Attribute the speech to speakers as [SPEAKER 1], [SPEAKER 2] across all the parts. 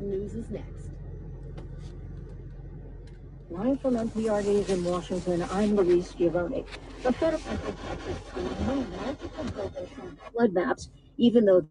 [SPEAKER 1] News is next. Live from NPR News in Washington, I'm Louise Giovanni. The federal flood maps, even though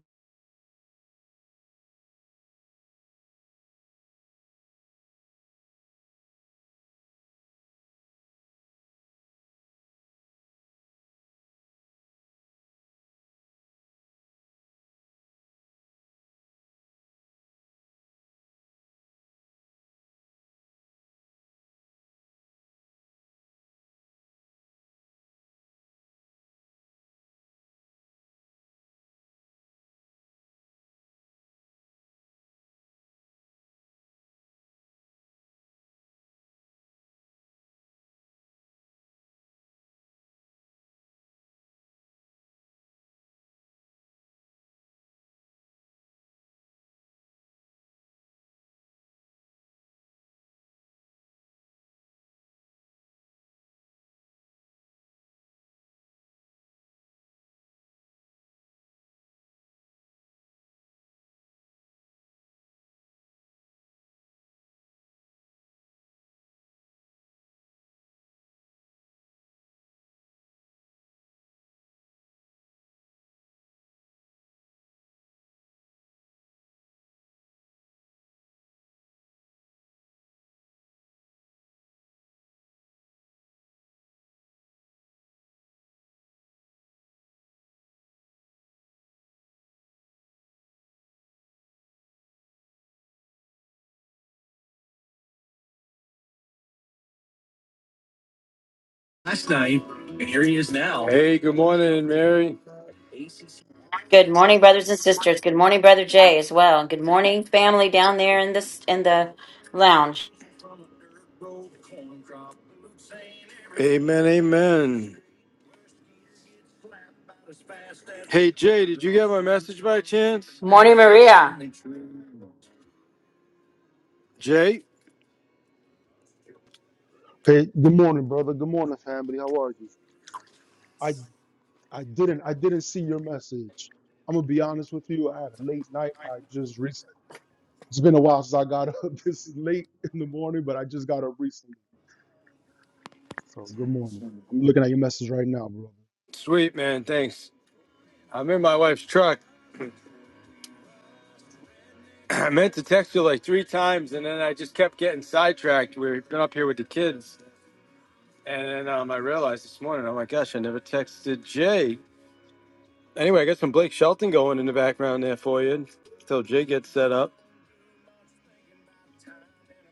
[SPEAKER 1] Hey, good morning, Mary.
[SPEAKER 2] Good morning, brothers and sisters. Good morning, brother Jay, as well. Good morning, family down there in this in the lounge.
[SPEAKER 1] Amen, amen. Hey, Jay, did you get my message by chance?
[SPEAKER 2] Morning, Maria.
[SPEAKER 1] Jay?
[SPEAKER 3] Hey, good morning, brother. Good morning, family. How are you? I I didn't I didn't see your message. I'm gonna be honest with you. I had a late night. I just recently. It's been a while since I got up this is late in the morning, but I just got up recently. So good morning. I'm looking at your message right now, brother.
[SPEAKER 1] Sweet, man, thanks. I'm in my wife's truck. I meant to text you like three times, and then I just kept getting sidetracked. We've been up here with the kids. And then um, I realized this morning, oh my gosh, I never texted Jay. Anyway, I got some Blake Shelton going in the background there for you until Jay gets set up.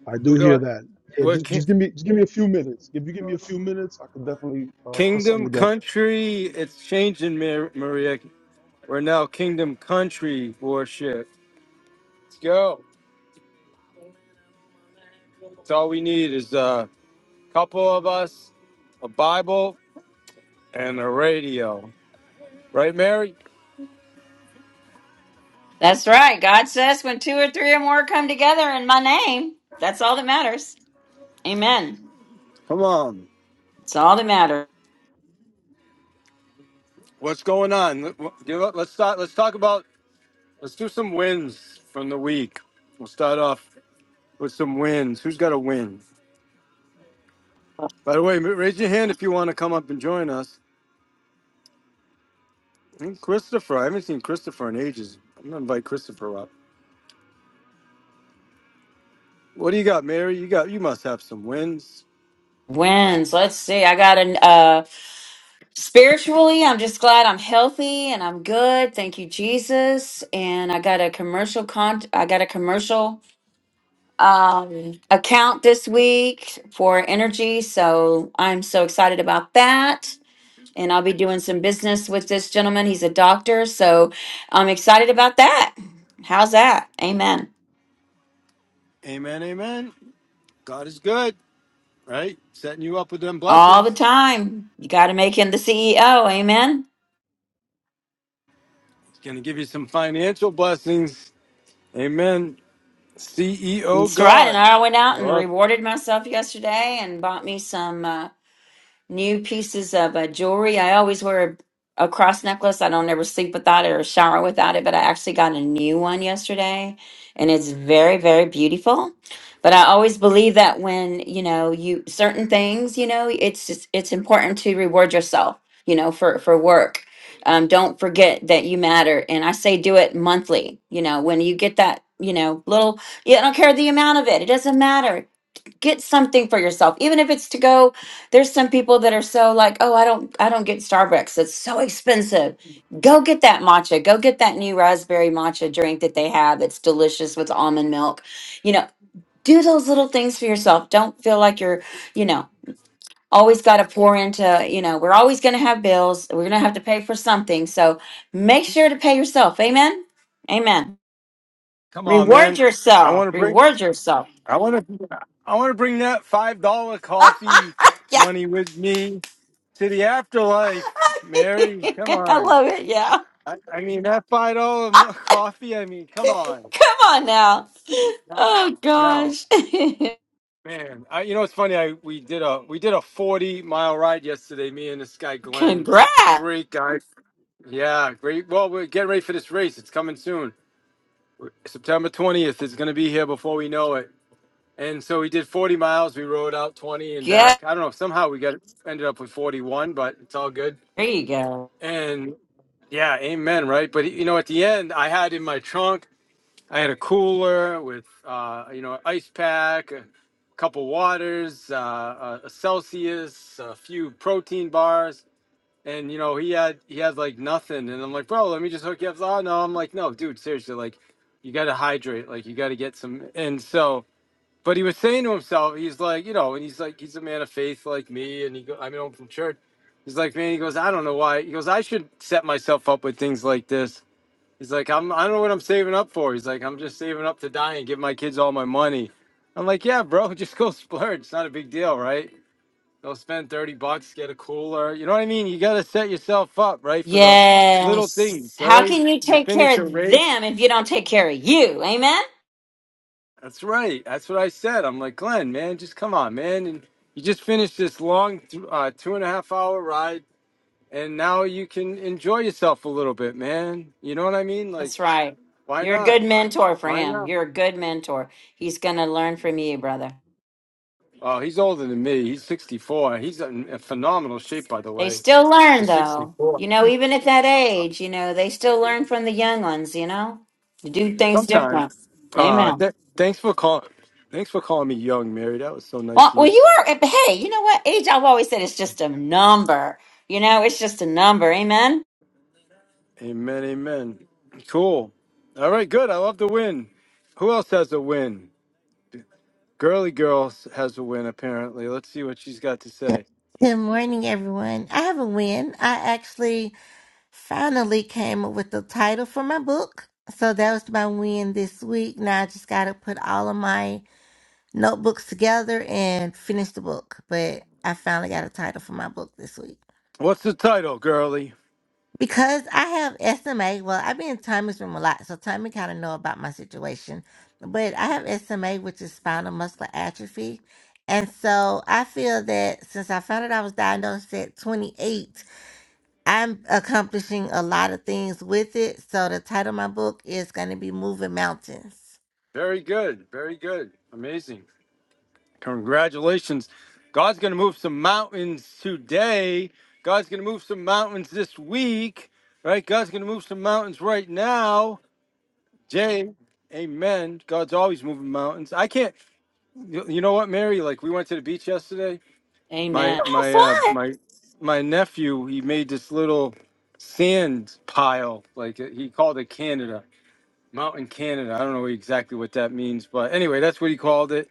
[SPEAKER 3] I
[SPEAKER 1] We're
[SPEAKER 3] do hear
[SPEAKER 1] going,
[SPEAKER 3] that. Yeah,
[SPEAKER 1] we're
[SPEAKER 3] just
[SPEAKER 1] ki-
[SPEAKER 3] just give me just give me a few minutes. If you give me a few minutes, I could definitely uh, put something
[SPEAKER 1] Kingdom
[SPEAKER 3] together.
[SPEAKER 1] Country. It's changing, Mar- Maria. We're now Kingdom Country worship. Let's go. It's all we need is a couple of us, a Bible, and a radio. Right, Mary?
[SPEAKER 2] That's right. God says when two or three or more come together in my name, that's all that matters. Amen.
[SPEAKER 1] Come on.
[SPEAKER 2] It's all that matters.
[SPEAKER 1] What's going on? Let- wh- Give up. Let's start. Let's talk about Let's do some wins from the week. We'll start off with some wins. Who's got a win? By the way, raise your hand if you want to come up and join us. And Christopher, I haven't seen Christopher in ages. I'm gonna invite Christopher up. What do you got, Mary? You got you must have some wins.
[SPEAKER 2] Wins. Let's see. I got an uh spiritually, I'm just glad I'm healthy and I'm good. Thank you, Jesus. And I got a commercial con I got a commercial um, account this week for energy. So I'm so excited about that. And I'll be doing some business with this gentleman. He's a doctor. So I'm excited about that. How's that? Amen.
[SPEAKER 1] Amen, amen. God is good, right? Setting you up with them
[SPEAKER 2] All the
[SPEAKER 1] blessings.
[SPEAKER 2] time. You got to make him the CEO. Amen.
[SPEAKER 1] He's gonna give you some financial blessings. Amen. CEO
[SPEAKER 2] That's right. And
[SPEAKER 1] God.
[SPEAKER 2] I went
[SPEAKER 1] I
[SPEAKER 2] out and
[SPEAKER 1] love-
[SPEAKER 2] rewarded myself yesterday and bought me some. uh, new pieces of uh, jewelry. I always wear a, a cross necklace. I don't ever sleep without it or shower without it, but I actually got a new one yesterday and it's very, very beautiful. But I always believe that when, you know, you certain things, you know, it's just it's important to reward yourself, you know, for for work. Um, don't forget that you matter. And I say do it monthly, you know, when you get that, you know, little yeah, I don't care the amount of it. It doesn't matter get something for yourself even if it's to go there's some people that are so like oh i don't i don't get starbucks it's so expensive go get that matcha go get that new raspberry matcha drink that they have it's delicious with almond milk you know do those little things for yourself don't feel like you're you know always got to pour into you know we're always going to have bills we're going to have to pay for something so make sure to pay yourself amen amen
[SPEAKER 1] Come on,
[SPEAKER 2] reward
[SPEAKER 1] man. I
[SPEAKER 2] yourself
[SPEAKER 1] want to bring.
[SPEAKER 2] reward yourself
[SPEAKER 1] I want to I want to bring that five dollar coffee
[SPEAKER 2] Yeah.
[SPEAKER 1] money with me to the afterlife, Mary. Come
[SPEAKER 2] I
[SPEAKER 1] on.
[SPEAKER 2] love it. Yeah.
[SPEAKER 1] I, I mean that five dollar mo- coffee. I mean, come on.
[SPEAKER 2] Come on now. Oh
[SPEAKER 1] No,
[SPEAKER 2] gosh.
[SPEAKER 1] man. I, you know it's funny. I we did a we did a forty mile ride yesterday. Me and this guy Glenn,
[SPEAKER 2] Congrats.
[SPEAKER 1] great guy. Yeah, great. Well, we're getting ready for this race. It's coming soon. September twentieth. It's going to be here before we know it And so we did 40 miles. We rode out 20 and
[SPEAKER 2] Yeah.
[SPEAKER 1] back. I don't know. Somehow we got ended up with 41, but it's all good.
[SPEAKER 2] There you go.
[SPEAKER 1] And yeah, amen, right? But you know, at the end, I had in my trunk, I had a cooler with, uh, you know, an ice pack, a couple waters, uh, a Celsius, a few protein bars. And you know, he had he had like nothing. And I'm like, bro, let me just hook you up. Oh no, I'm like, no, dude, seriously, like, you got to hydrate. Like, you got to get some. And so but he was saying to himself, he's like, you know, and he's like, he's a man of faith like me, and he, go, I mean, I'm from church. He's like, man, he goes, I don't know why. He goes, I should set myself up with things like this. He's like, I'm, I don't know what I'm saving up for. He's like, I'm just saving up to die and give my kids all my money. I'm like, yeah, bro, just go splurge. It's not a big deal, right? Go spend thirty bucks, get a cooler. You know what I mean? You got to set yourself up, right, for the little
[SPEAKER 2] Yes.
[SPEAKER 1] things,
[SPEAKER 2] How
[SPEAKER 1] right?
[SPEAKER 2] can you
[SPEAKER 1] You
[SPEAKER 2] take care
[SPEAKER 1] finish a
[SPEAKER 2] of
[SPEAKER 1] race,
[SPEAKER 2] them if you don't take care of you? Amen.
[SPEAKER 1] That's right. That's what I said. I'm like, Glenn, man, just come on, man. And you just finished this long th- uh, two and a half hour ride, and now you can enjoy yourself a little bit, man. You know what I mean? Like,
[SPEAKER 2] That's right.
[SPEAKER 1] why
[SPEAKER 2] You're a
[SPEAKER 1] not?
[SPEAKER 2] good mentor for
[SPEAKER 1] Why
[SPEAKER 2] him.
[SPEAKER 1] not?
[SPEAKER 2] You're a good mentor. He's going to learn from you, brother.
[SPEAKER 1] Oh, he's older than me. He's 64. He's in in phenomenal shape, by the
[SPEAKER 2] They
[SPEAKER 1] way.
[SPEAKER 2] still learn though. You know, even at that age, you know, they still learn from the young ones, you know, to do things
[SPEAKER 1] Sometime.
[SPEAKER 2] different.
[SPEAKER 1] Uh,
[SPEAKER 2] Amen.
[SPEAKER 1] th- thanks for calling. Thanks for calling me young, Mary. That was so
[SPEAKER 2] Well,
[SPEAKER 1] nice of
[SPEAKER 2] well,
[SPEAKER 1] you.
[SPEAKER 2] you are. but Hey, you know what? Age, I've always said it's just a number. You know, it's just a number. Amen.
[SPEAKER 1] Amen. Amen. Cool. All right. Good. I love the win. Who else has a win? Girly Girl has a win, apparently. Let's see what she's got to
[SPEAKER 4] Yep.
[SPEAKER 1] say.
[SPEAKER 4] Good morning, everyone. I have a win. I actually finally came up with the title for my book. So that was my win this week. Now I just got to put all of my notebooks together and finish the book. But I finally got a title for my book this week.
[SPEAKER 1] What's the title, Girly?
[SPEAKER 4] Because I have SMA, well, I've been in Tommy's room a lot, so Tommy kind of know about my situation. But I have SMA, which is spinal muscular atrophy. And so I feel that since I found out I was diagnosed at 28, I'm accomplishing a lot of things with it. So the title of my book is going to be Moving Mountains.
[SPEAKER 1] Very good. Very good. Amazing. Congratulations. God's going to move some mountains today. God's going to move some mountains this week, right? God's going to move some mountains right now. Jay, amen. God's always moving mountains. I can't, you you know what, Mary? Like, we went to the beach yesterday
[SPEAKER 2] Amen.
[SPEAKER 1] my
[SPEAKER 2] Have
[SPEAKER 1] my uh
[SPEAKER 2] fun.
[SPEAKER 1] my my nephew he made this little sand pile like uh, he called it canada mountain canada i don't know exactly what that means but anyway that's what he called it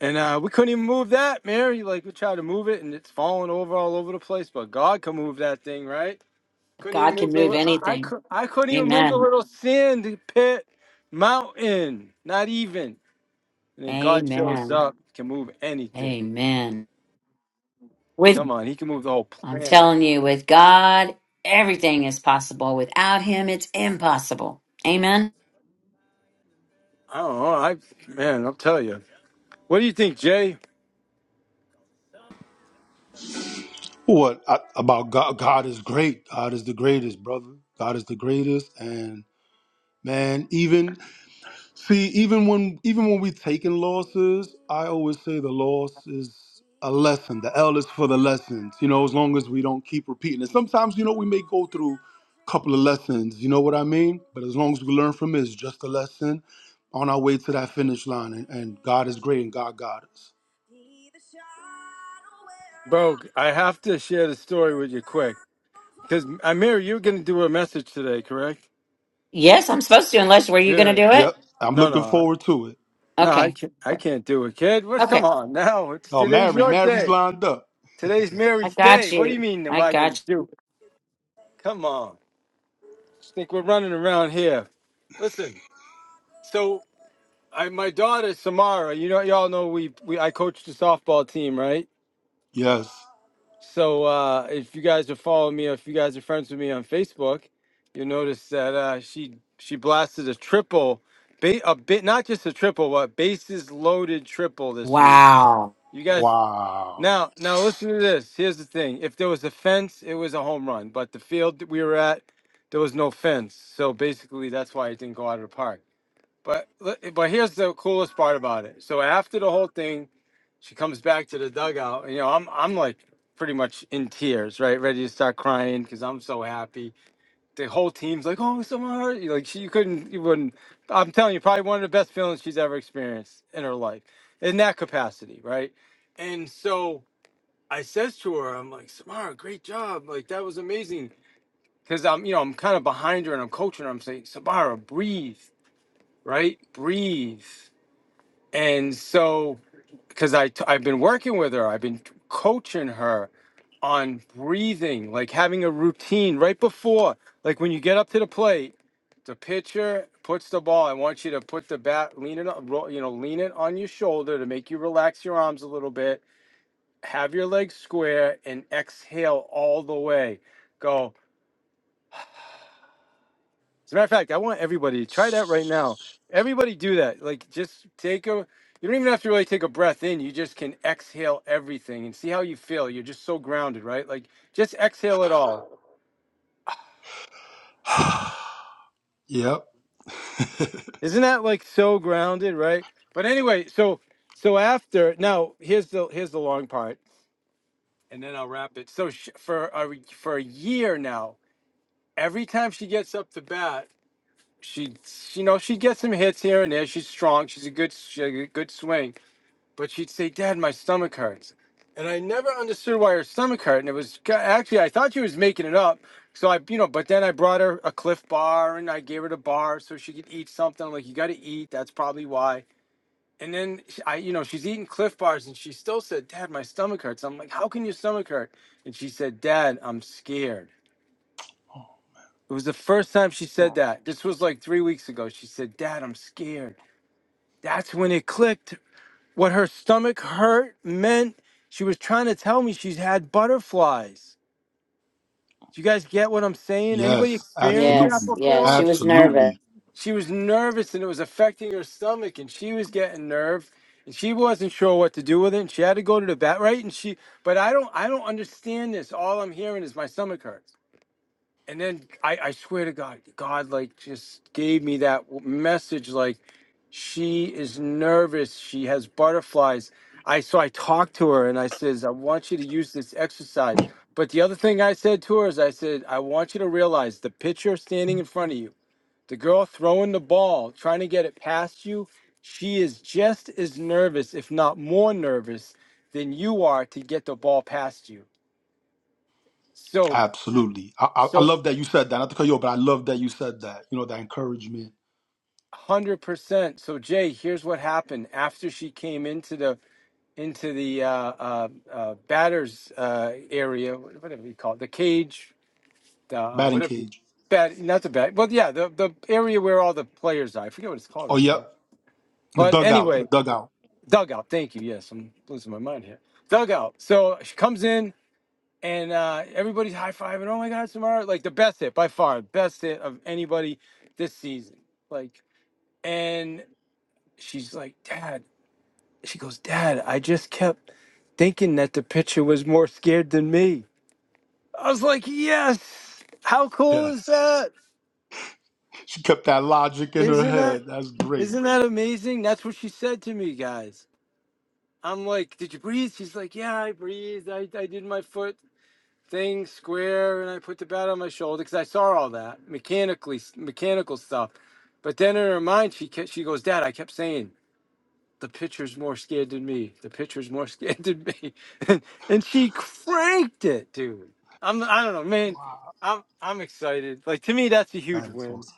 [SPEAKER 1] and uh we couldn't even move that mary like we tried to move it and it's falling over all over the place but god can move that thing right couldn't even
[SPEAKER 2] God
[SPEAKER 1] move
[SPEAKER 2] can
[SPEAKER 1] the
[SPEAKER 2] move
[SPEAKER 1] li- i, I,
[SPEAKER 2] anything.
[SPEAKER 1] could, I couldn't even move the
[SPEAKER 2] Amen.
[SPEAKER 1] little sand pit mountain not even and then god shows
[SPEAKER 2] Amen.
[SPEAKER 1] up can move anything
[SPEAKER 2] Amen. With
[SPEAKER 1] come on he can move the whole
[SPEAKER 2] I'm
[SPEAKER 1] planet
[SPEAKER 2] telling you, with God, everything is possible. Without Him, it's impossible. Amen.
[SPEAKER 1] I don't know. I man, I'll tell you. What do you think, Jay?
[SPEAKER 3] What I, about God? God is great. God is the greatest, brother. God is the greatest, and man, even See, even when even when we taking losses, I always say the loss is a lesson. The L is for the lessons. You know, as long as we don't keep repeating it. Sometimes, you know, we may go through a couple of lessons. You know what I mean? But as long as we learn from it, it's just a lesson on our way to that finish line. And, and God is great, and God got us.
[SPEAKER 1] Bro, I have to share the story with you quick because Amir, you're going to do a message today, correct?
[SPEAKER 2] Yes, I'm supposed to. Unless were you going to
[SPEAKER 1] Good.
[SPEAKER 2] do it?
[SPEAKER 3] Yep, I'm
[SPEAKER 1] No,
[SPEAKER 3] looking
[SPEAKER 1] no, I-
[SPEAKER 3] forward to it.
[SPEAKER 1] no. I
[SPEAKER 2] Okay.
[SPEAKER 1] can't. I can't do it, kid. What? come
[SPEAKER 2] Okay.
[SPEAKER 1] on now? It's
[SPEAKER 3] Oh,
[SPEAKER 1] today's
[SPEAKER 3] Mary,
[SPEAKER 1] your
[SPEAKER 3] Mary's
[SPEAKER 1] day.
[SPEAKER 3] lined up.
[SPEAKER 1] Today's
[SPEAKER 2] I
[SPEAKER 1] Mary's
[SPEAKER 2] got
[SPEAKER 1] day. What do you
[SPEAKER 2] you.
[SPEAKER 1] mean? Am
[SPEAKER 2] I
[SPEAKER 1] I going
[SPEAKER 2] got
[SPEAKER 1] to do? it? Come on. Just think we're running around here. Listen. So, I my daughter Samara. You know, y'all know we we I coach the softball team, right?
[SPEAKER 3] Yes.
[SPEAKER 1] So uh, if you guys are following me, or if you guys are friends with me on Facebook, you'll notice that uh, she she blasted a triple, ba- a bit not just a triple, but bases loaded triple
[SPEAKER 2] you.
[SPEAKER 1] this week.
[SPEAKER 2] Wow.
[SPEAKER 1] You guys
[SPEAKER 3] Wow.
[SPEAKER 1] now now listen to this. Here's the thing: if there was a fence, it was a home run. But the field that we were at, there was no fence, so basically that's why it didn't go out of the park. But but here's the coolest part about it. So after the whole thing, she comes back to the dugout, and you know I'm I'm like pretty much in tears, right, ready to start crying because I'm so happy. The whole team's like, oh, someone hurt you. Like she you couldn't, you wouldn't. I'm telling you, probably one of the best feelings she's ever experienced in her life, in that capacity, right? And so I says to her, I'm like, Samara, great job. Like that was amazing. Cause I'm, you know, I'm kind of behind her and I'm coaching her. I'm saying, Samara, breathe, right? Breathe. And so, because I t- I've been working with her, I've been coaching her on breathing, like having a routine right before, like when you get up to the plate, the pitcher puts the ball. I want you to put the bat, lean it, on- roll, you know, lean it on your shoulder to make you relax your arms a little bit. Have your legs square and exhale all the way. Go. As a matter of fact, I want everybody to try that right now. Everybody do that. Like just take a you don't even have to really take a breath in. You just can exhale everything and see how you feel. You're just so grounded, right? Like just exhale it all.
[SPEAKER 3] Yep.
[SPEAKER 1] Isn't that like so grounded, right? But anyway, so so after now here's the here's the long part and then I'll wrap it. So sh for a for a year now, every time she gets up to bat, she you know, she gets some hits here and there. She's strong. She's a good she's a good swing But she'd say, Dad, my stomach hurts. And I never understood why her stomach hurt. And it was ca- actually, I thought she was making it up. So I, you know, but then I brought her a cliff bar and I gave her the bar so she could eat something. I'm like, you got to eat. That's probably why. And then sh- I, you know, she's eating cliff bars and she still said, Dad, my stomach hurts. I'm like, how can your stomach hurt? And she said, Dad, I'm scared. It was the first time she said that. This was like three weeks ago. She said, Dad, I'm scared. That's when it clicked. What her stomach hurt meant she was trying to tell me she's had butterflies. Do you guys get what I'm saying? Anybody
[SPEAKER 3] Yes,
[SPEAKER 1] experienced that
[SPEAKER 2] Yes.
[SPEAKER 3] absolutely,
[SPEAKER 2] Yes.
[SPEAKER 1] before?
[SPEAKER 2] She was nervous.
[SPEAKER 3] absolutely,
[SPEAKER 1] She was nervous and it was affecting her stomach and she was getting nerve and she wasn't sure what to do with it and she had to go to the vet, right? And she but I don't I don't understand this. All I'm hearing is my stomach hurts and then I, I swear to God, God like just gave me that w- message like she is nervous, she has butterflies. I so I talked to her and I says, I want you to use this exercise. But the other thing I said to her is I said, I want you to realize the pitcher standing in front of you, the girl throwing the ball, trying to get it past you, she is just as nervous, if not more nervous, than you are to get the ball past you. So
[SPEAKER 3] absolutely. I, I, I
[SPEAKER 1] so
[SPEAKER 3] love that you said that. Not to cut you off, but I love that you said that. You know, that encouragement,
[SPEAKER 1] 100%. So Jay, here's what happened after she came into the into the uh, uh, uh, batters uh, area, whatever you call it, the cage, the, uh,
[SPEAKER 3] batting
[SPEAKER 1] whatever.
[SPEAKER 3] cage.
[SPEAKER 1] Bat, not the bat. Well, yeah, the the area where all the players are. I forget what it's called
[SPEAKER 3] Oh,
[SPEAKER 1] right
[SPEAKER 3] yep,
[SPEAKER 1] now.
[SPEAKER 3] the
[SPEAKER 1] But
[SPEAKER 3] dugout, the
[SPEAKER 1] anyway,
[SPEAKER 3] dugout.
[SPEAKER 1] dugout. Thank you. Yes, I'm losing my mind here. Dugout. So she comes in and uh, everybody's high fiving. Oh my God, Samara! Like the best hit by far, best hit of anybody this season. Like, and she's like, Dad. She goes, Dad, I just kept thinking that the picture was more scared than me. I was like, Yes. How cool is
[SPEAKER 3] Yes,
[SPEAKER 1] that?
[SPEAKER 3] she kept that logic in her
[SPEAKER 1] Isn't that
[SPEAKER 3] head. That's great.
[SPEAKER 1] isn't that amazing? That's what she said to me, guys. I'm like, Did you breathe? She's like, Yeah, I breathed. I, I did my foot thing square and I put the bat on my shoulder because I saw all that mechanically mechanical stuff. But then in her mind, she kept, she goes, Dad, I kept saying, The pitcher's more scared than me. The pitcher's more scared than me. And, and she cranked it, dude. I'm I don't know, man.
[SPEAKER 3] Wow,
[SPEAKER 1] I'm I'm excited. Like to me that's a huge
[SPEAKER 3] that is
[SPEAKER 1] win.
[SPEAKER 3] awesome.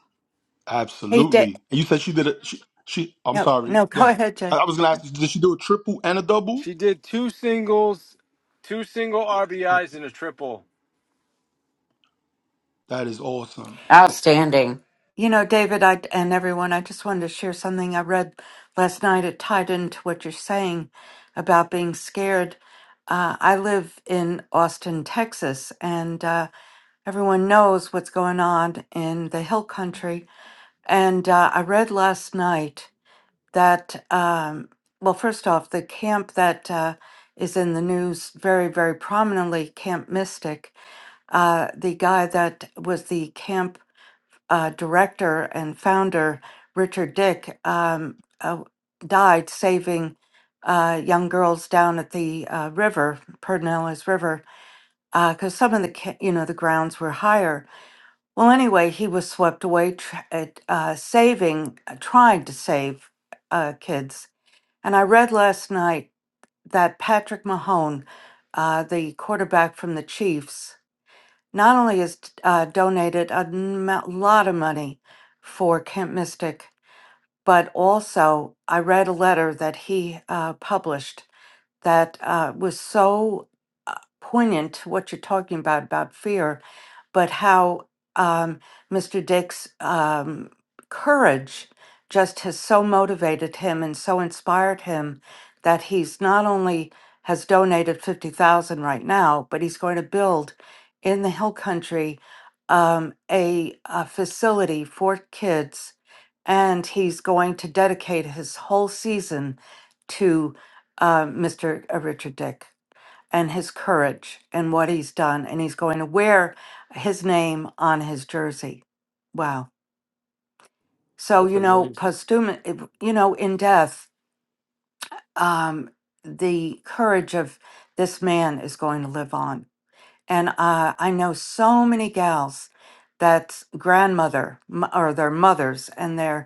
[SPEAKER 5] Hey, da-
[SPEAKER 3] Absolutely. And you said she did it. She, she. I'm
[SPEAKER 5] no,
[SPEAKER 3] sorry.
[SPEAKER 5] no,
[SPEAKER 3] Go
[SPEAKER 5] go
[SPEAKER 3] ahead.
[SPEAKER 5] ahead, Jay.
[SPEAKER 3] I, I was gonna ask, you, did she do a triple and a double?
[SPEAKER 1] She did two singles, two single RBIs
[SPEAKER 3] Okay,
[SPEAKER 1] and a triple.
[SPEAKER 3] that is awesome.
[SPEAKER 2] Outstanding.
[SPEAKER 5] You know, David, I and everyone, I just wanted to share something I read last night. It tied into what you're saying about being scared. Uh, I live in Austin, Texas, and uh, everyone knows what's going on in the Hill Country. And uh, I read last night that, um, well, first off, the camp that uh, is in the news very, very prominently, Camp Mystic, uh, the guy that was the camp uh, director and founder Richard Dick um, uh, died saving uh, young girls down at the uh, river, Pernales River, because some of the ca- you know the grounds were higher. Well, anyway, he was swept away tr- at uh, saving, uh, trying to save uh, kids. And I read last night that Patrick Mahone, uh, the quarterback from the Chiefs, not only has uh, donated a m- lot of money for Camp Mystic, but also I read a letter that he uh, published that uh, was so poignant to what you're talking about about fear but how um, Mr. Dick's um, courage just has so motivated him and so inspired him that he's not only has donated 50,000 right now, but he's going to build in the hill country um, a, a facility for kids and he's going to dedicate his whole season to uh, Mr. Richard Dick and his courage and what he's done. And he's going to wear his name on his jersey. Wow. So, you know, posthumous, you know, in death, um, the courage of this man is going to live on. And uh, I know so many gals that's grandmother m- or their mothers and their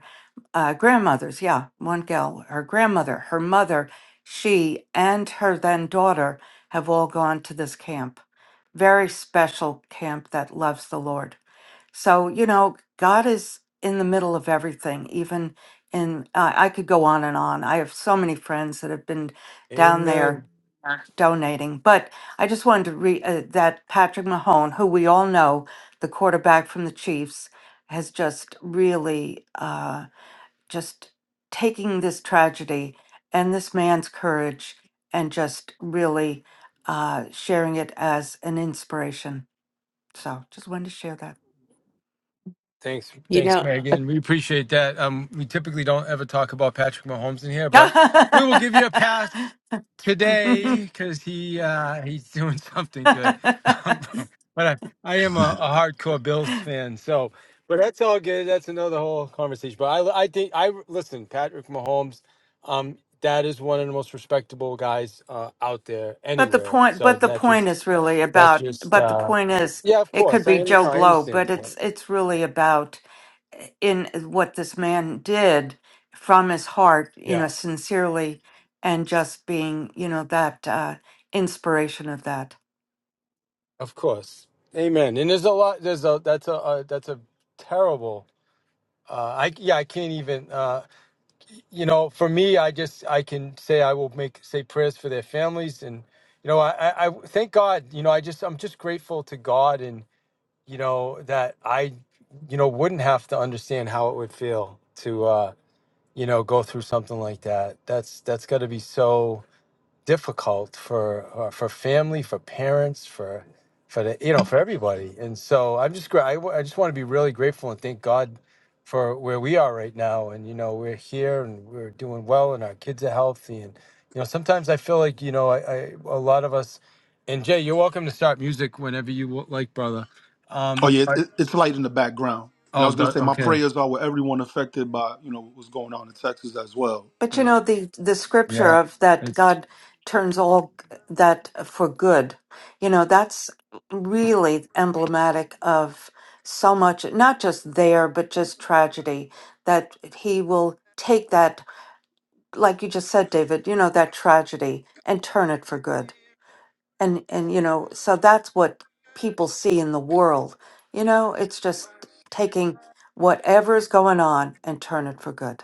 [SPEAKER 5] uh, grandmothers. Yeah, one gal, her grandmother, her mother, she, and her then daughter have all gone to this camp. Very special camp that loves the Lord. So, you know, God is in the middle of everything, even in, uh, I I could go on and on. I have so many friends that have been down there donating, but I just wanted to read uh, that Patrick Mahone, who we all know, the quarterback from the Chiefs, has just really. uh, just taking this tragedy and this man's courage and just really uh, sharing it as an inspiration. So just wanted to share
[SPEAKER 1] Thanks,
[SPEAKER 6] You
[SPEAKER 1] thanks,
[SPEAKER 6] know,
[SPEAKER 1] Megan. We appreciate that. Um, we typically don't ever talk about Patrick Mahomes in here, but we will give you a pass today
[SPEAKER 5] that.
[SPEAKER 1] because he uh, he's doing something good. Um, but I, I am a, a hardcore Bills fan, so but that's all good. That's another whole conversation. But I I think I listen Patrick Mahomes. Um, that is one of the most respectable guys uh, out there
[SPEAKER 5] But the
[SPEAKER 1] anywhere.
[SPEAKER 5] point,
[SPEAKER 1] So
[SPEAKER 5] but the
[SPEAKER 1] not
[SPEAKER 5] point
[SPEAKER 1] just
[SPEAKER 5] is really
[SPEAKER 1] that's
[SPEAKER 5] about,
[SPEAKER 1] just
[SPEAKER 5] but the
[SPEAKER 1] uh,
[SPEAKER 5] point is,
[SPEAKER 1] yeah, of
[SPEAKER 5] it could
[SPEAKER 1] course. I
[SPEAKER 5] be
[SPEAKER 1] you
[SPEAKER 5] Joe
[SPEAKER 1] know. I
[SPEAKER 5] Blow,
[SPEAKER 1] understand
[SPEAKER 5] but
[SPEAKER 1] the
[SPEAKER 5] it's,
[SPEAKER 1] point.
[SPEAKER 5] it's really about eh, in eh, what this man did from his heart, you
[SPEAKER 1] Yeah.
[SPEAKER 5] know, sincerely and just being, you know, that uh, inspiration of that.
[SPEAKER 1] Of course. Amen. And there's a lot. There's a that's a uh, that's a terrible. Uh, I yeah, I can't even. Uh, you know, for me, I just I can say I will make say prayers for their families, and you know, I, I I thank God. You know, I just I'm just grateful to God, and you know that I, you know, wouldn't have to understand how it would feel to uh, you know go through something like that. That's that's got to be so difficult for uh, for family, for parents, for for the, you know for everybody. And so I'm just gra- I, w- I just want to be really grateful and thank God for where we are right now. And you know we're here and we're doing well, and our kids are healthy. And you know sometimes I feel like you know I, I a lot of us. And Jay, you're welcome to start music whenever you w- like, brother.
[SPEAKER 3] Oh
[SPEAKER 1] Um,
[SPEAKER 3] yeah, it, it- it's light in the background. And I
[SPEAKER 1] oh,
[SPEAKER 3] was gonna say
[SPEAKER 1] the,
[SPEAKER 3] my prayers are with everyone affected by you know what's going on in Texas as well.
[SPEAKER 5] But you
[SPEAKER 3] Yeah.
[SPEAKER 5] know the the scripture of that God turns all g- that for good. You know that's really emblematic of so much, not just there, but just tragedy. That He will take that, like you just said, David. You know that tragedy and turn it for good. And and you know so that's what people see in the world. You know it's just taking whatever's going on and turn it for good.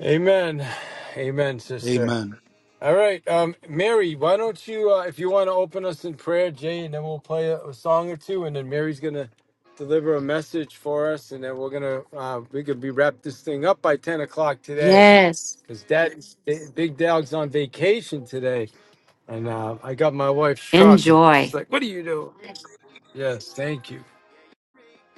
[SPEAKER 1] amen, amen, sister.
[SPEAKER 3] Amen.
[SPEAKER 1] All right, um, Mary, why don't you, uh, if you want to open us in prayer, Jay, and then we'll play a, a song or two, and then Mary's gonna deliver a message for us, and then we're gonna uh, we could be wrap this thing up by ten o'clock today,
[SPEAKER 2] Yes.
[SPEAKER 1] because Dad's Big Dog's on vacation today, and uh, I got my wife's truck, and she's
[SPEAKER 2] Enjoy.
[SPEAKER 1] like, "What do you do?" Yes, thank you.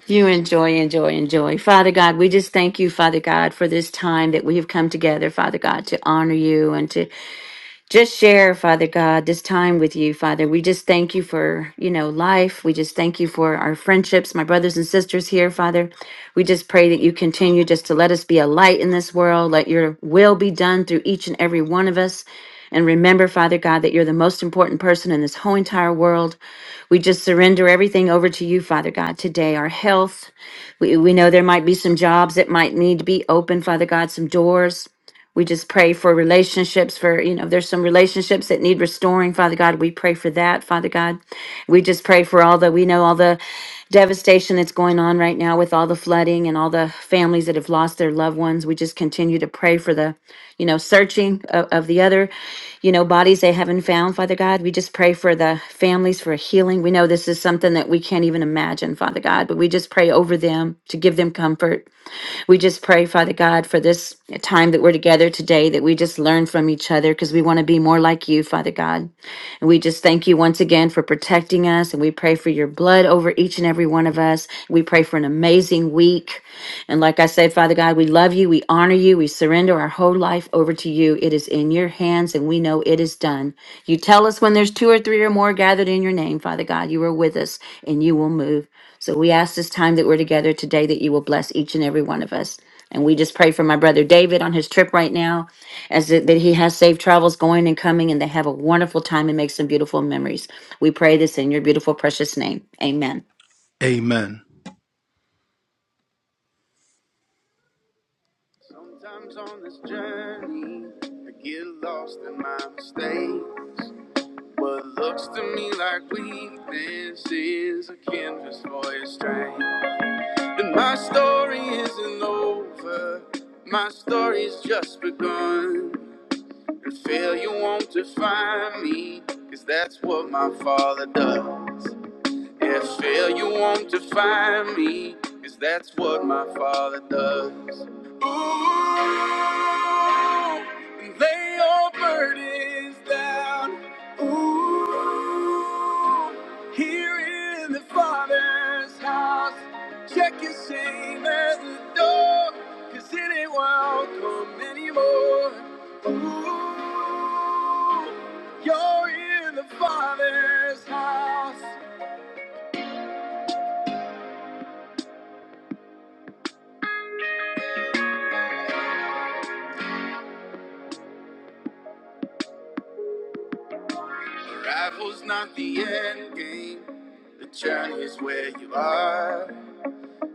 [SPEAKER 2] You enjoy, enjoy, enjoy. Father God, we just thank you, Father God, for this time that we have come together, Father God, to honor you and to just share, Father God, this time with you, Father. We just thank you for, you know, life. We just thank you for our friendships, my brothers and sisters here, Father. We just pray that you continue just to let us be a light in this world. Let your will be done through each and every one of us. And remember, Father God, that you're the most important person in this whole entire world. We just surrender everything over to you, Father God, today. Our health, we, we know there might be some jobs that might need to be open, Father God, some doors. We just pray for relationships, for, you know, there's some relationships that need restoring, Father God. We pray for that, Father God. We just pray for all the, we know all the devastation that's going on right now with all the flooding and all the families that have lost their loved ones. We just continue to pray for the, you know, searching of, of the other, you know, bodies they haven't found, Father God. We just pray for the families for healing. We know this is something that we can't even imagine, Father God, but we just pray over them to give them comfort. We just pray, Father God, for this time that we're together today, that we just learn from each other because we want to be more like you, Father God. And we just thank you once again for protecting us. And we pray for your blood over each and every one of us. We pray for an amazing week. And like I said, Father God, we love you. We honor you. We surrender our whole life over to you. It is in your hands, and we know it is done. You tell us when there's two or three or more gathered in your name, Father God. You are with us, and you will move. So we ask this time that we're together today that you will bless each and every one of us. And we just pray for my brother David on his trip right now, as that that he has safe travels going and coming, and they have a wonderful time and make some beautiful memories. We pray this in your beautiful, precious name. Amen.
[SPEAKER 3] Amen. Sometimes on this journey, I get lost in my mistakes. What looks to me like weakness is a canvas for your strength. And my story isn't over, my story's just begun. And failure won't define me, 'cause that's what my father does. If you want to find me, 'cause that's what my father does. Ooh, and lay your burdens down. Ooh, here in the Father's house, check your shame at the door, 'cause it ain't welcome anymore. Ooh, you're in the Father's house. Arrival's not the end game. The journey's where you are.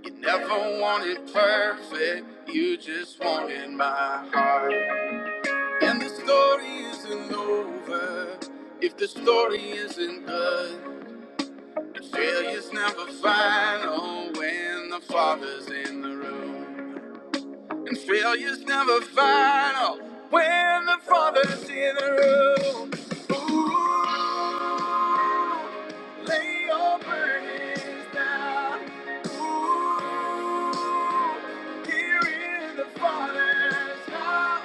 [SPEAKER 3] You never wanted perfect, you just wanted my heart. And the story isn't over if the story isn't good. And failure's never final when the father's in the room. And failure's never final when the father's in the room. Ooh, lay your burdens down. Ooh, here in the father's house.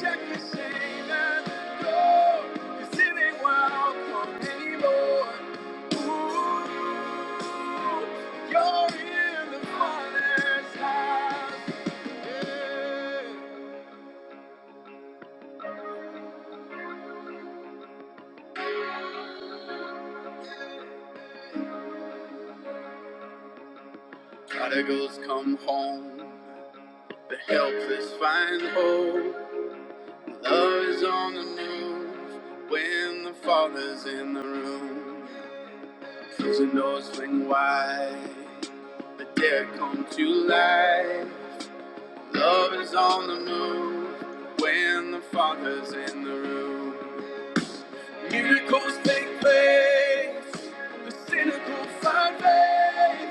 [SPEAKER 3] Check your shame at the door. 'cause it ain't welcome anymore. Ooh, you're in the father's house. Prodigals come home, the helpless find hope. Love is on the move when the Father's in the room. Prison doors swing wide, the dead come to life. Love is on the move when the Father's in the room. Miracles take place, the cynical find faith.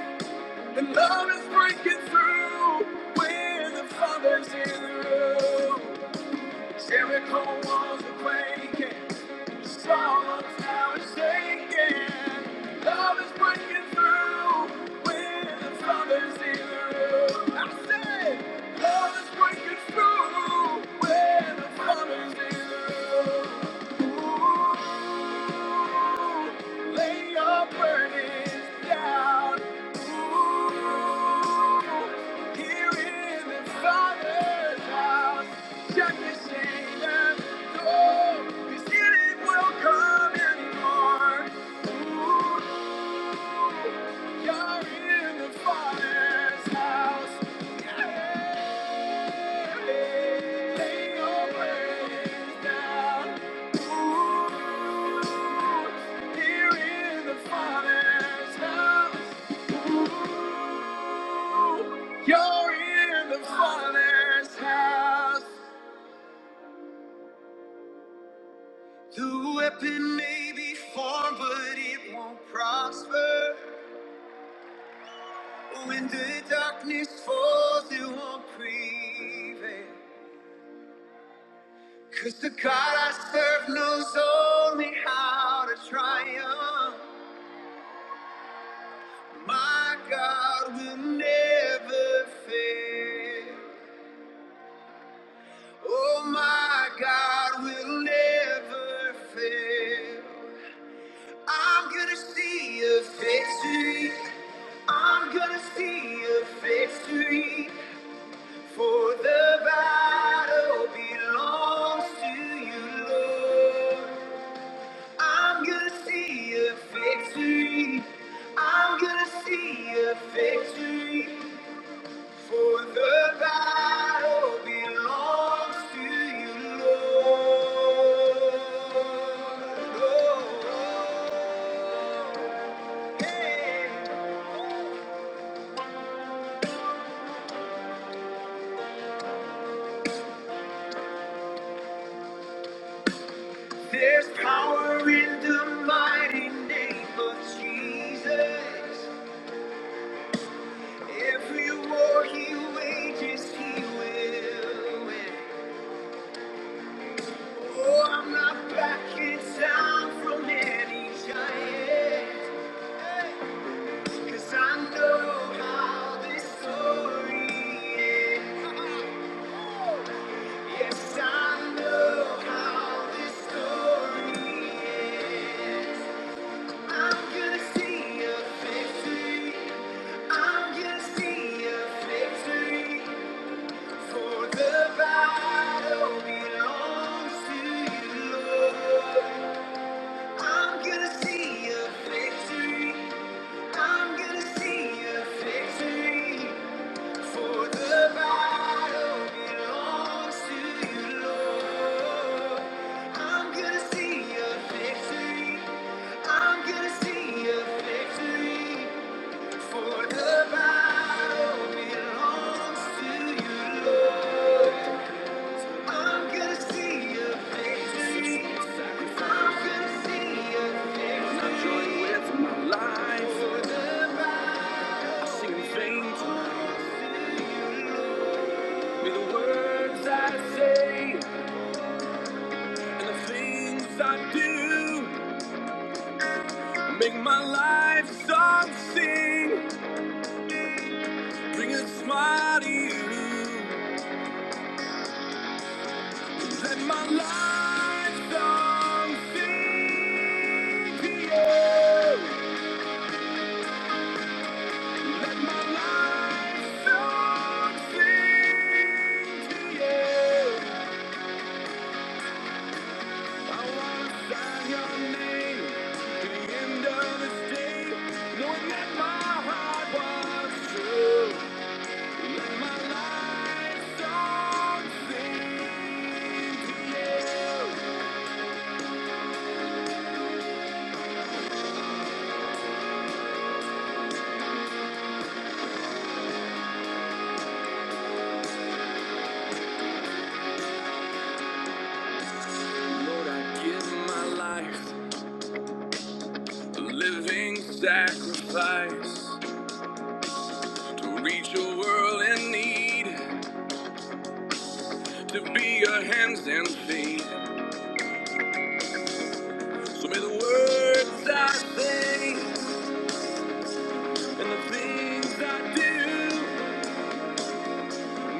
[SPEAKER 3] And love is breaking through when the Father's in the room. Jericho walls are breaking, strongholds now are shaking. Love is breaking through when the Father's in the room. I said, love is breaking through when the Father's in the room. Ooh, lay your burden. Cause it will Come anymore. Ooh. You're in the Father's house. Yeah. Lay your burdens down. Ooh, here in the Father's house. Ooh, you're in the Father's house. The weapon may be formed, but it won't prosper. When the darkness falls, it won't prevail. 'Cause the God I serve knows only how to triumph. My God will never fail. Oh, my God will never fail. I'm gonna see a victory. I'm gonna see a victory. For the battle belongs to you, Lord. I'm gonna see a victory. I'm gonna see a victory. For the battle belongs to you, Lord. Oh, oh, oh. Hey. There's power in the mighty name of Jesus. Every war he wages, he will win. Oh, I'm not backing down from any giant. Cause I know how this story ends. Yes, I know how this story ends. I'm gonna see a victory. I'm gonna see your victory. For the battle belongs to you, Lord. I'm gonna see your victory. I'm gonna see your victory. For the battle belongs to you, Lord. I'm gonna see a victory. I'm gonna see a victory. For the battle belongs to you, Lord. I'm gonna see a victory. I'm gonna see a victory. I join with my life. For the battle. I sing vain tonight the words I say and the things I do make my life something, bring a smile to you. Let my life song sing to you. Let my life song sing to you. I wanna sign your name to the end of this day, knowing that my heart was true. Let my life song sing to you. Lord, I give my life a living sacrifice to reach a world in need, to be your hands and feet. So may the words I say and the things I do.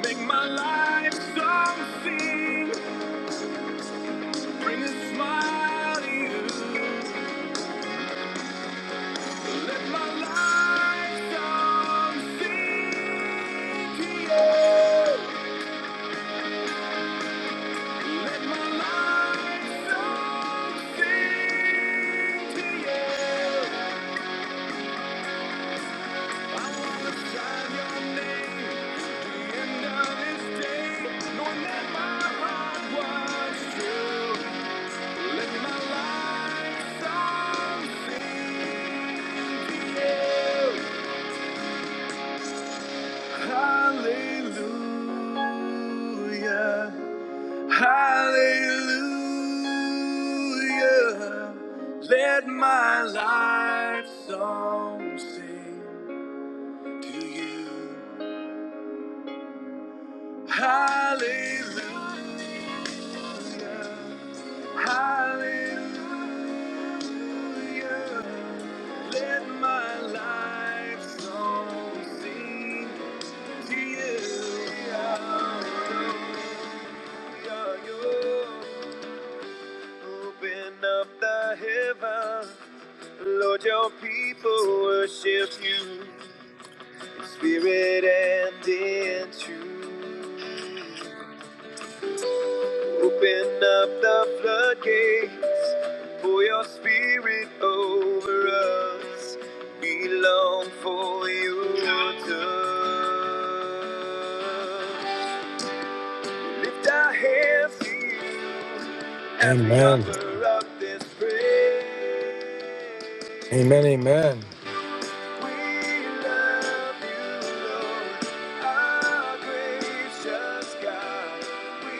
[SPEAKER 3] Make my life something. Bring a smile to you. Let my life something. Let my life something to you. I wanna sign your name. to The end of this day, knowing that my heart was true. Let my life something to you. Hallelujah. Hallelujah. Let my life song sing to you. Hallelujah. Hallelujah. Let my life song sing to you. Open up the heavens, Lord, your people worship you in spirit and in truth. Open up the floodgates, pour your spirit over us. We long for you to. Lift our hands to you as we
[SPEAKER 1] Amen.
[SPEAKER 3] offer up this praise.
[SPEAKER 1] Amen. Amen.
[SPEAKER 3] We love you, Lord, our gracious God. We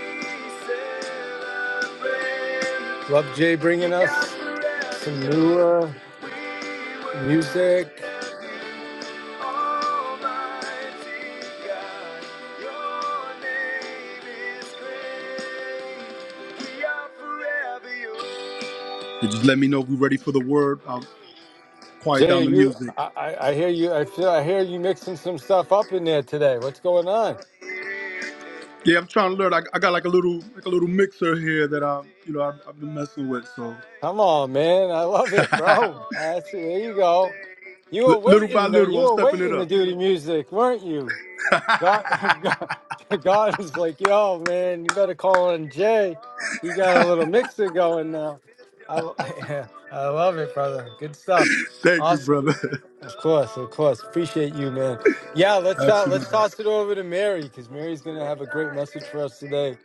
[SPEAKER 3] celebrate.
[SPEAKER 1] Love Jay
[SPEAKER 3] We
[SPEAKER 1] bringing
[SPEAKER 3] are
[SPEAKER 1] us
[SPEAKER 3] forever
[SPEAKER 1] some
[SPEAKER 3] yours.
[SPEAKER 1] newer
[SPEAKER 3] We
[SPEAKER 1] music.
[SPEAKER 3] worship you. You just let me know if we're ready for the word. I'll quiet
[SPEAKER 1] Jay,
[SPEAKER 3] down the
[SPEAKER 1] you,
[SPEAKER 3] music.
[SPEAKER 1] I, I I hear you. I feel, I hear you mixing some stuff up in there today. What's going on?
[SPEAKER 3] Yeah, I'm trying to learn. I, I got like a little like a little mixer here that I you know I've, I've been messing with. So
[SPEAKER 1] Come on, man. I love it, bro. That's, there you go. You
[SPEAKER 3] L-
[SPEAKER 1] were
[SPEAKER 3] little by
[SPEAKER 1] waiting. to-
[SPEAKER 3] little,
[SPEAKER 1] You
[SPEAKER 3] I'm
[SPEAKER 1] were
[SPEAKER 3] stepping it
[SPEAKER 1] waiting to
[SPEAKER 3] up.
[SPEAKER 1] do the music, weren't you? God, God God is like, yo, man. You better call on Jay. You got a little mixer going now. I, I love it, brother. Good stuff.
[SPEAKER 3] Thank you,
[SPEAKER 1] Awesome.
[SPEAKER 3] brother.
[SPEAKER 1] Of course, of course. Appreciate you, man. Yeah, let's uh,
[SPEAKER 3] Absolutely.
[SPEAKER 1] let's toss it over to Mary because Mary's gonna have a great message for us today,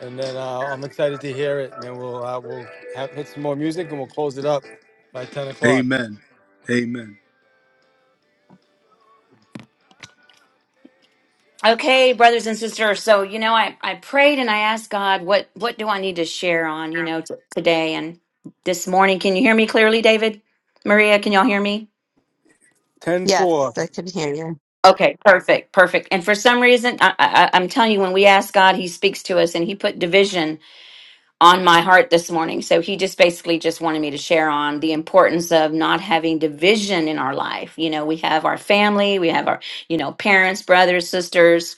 [SPEAKER 1] and then uh, I'm excited to hear it. And then we'll uh, we'll have, hit some more music and we'll close it up by ten o'clock.
[SPEAKER 3] Amen. Amen.
[SPEAKER 2] Okay, brothers and sisters. So you know, I I prayed and I asked God, what what do I need to share on you know t- today and this morning? Can you hear me clearly, David? Maria, can y'all hear me?
[SPEAKER 1] Ten
[SPEAKER 6] yes,
[SPEAKER 1] four.
[SPEAKER 6] I can hear you.
[SPEAKER 2] Okay, perfect, perfect. And for some reason, I, I, I'm telling you, when we ask God, He speaks to us, and He put division on my heart this morning. So He just basically just wanted me to share on the importance of not having division in our life. You know, we have our family, we have our, you know, parents, brothers, sisters,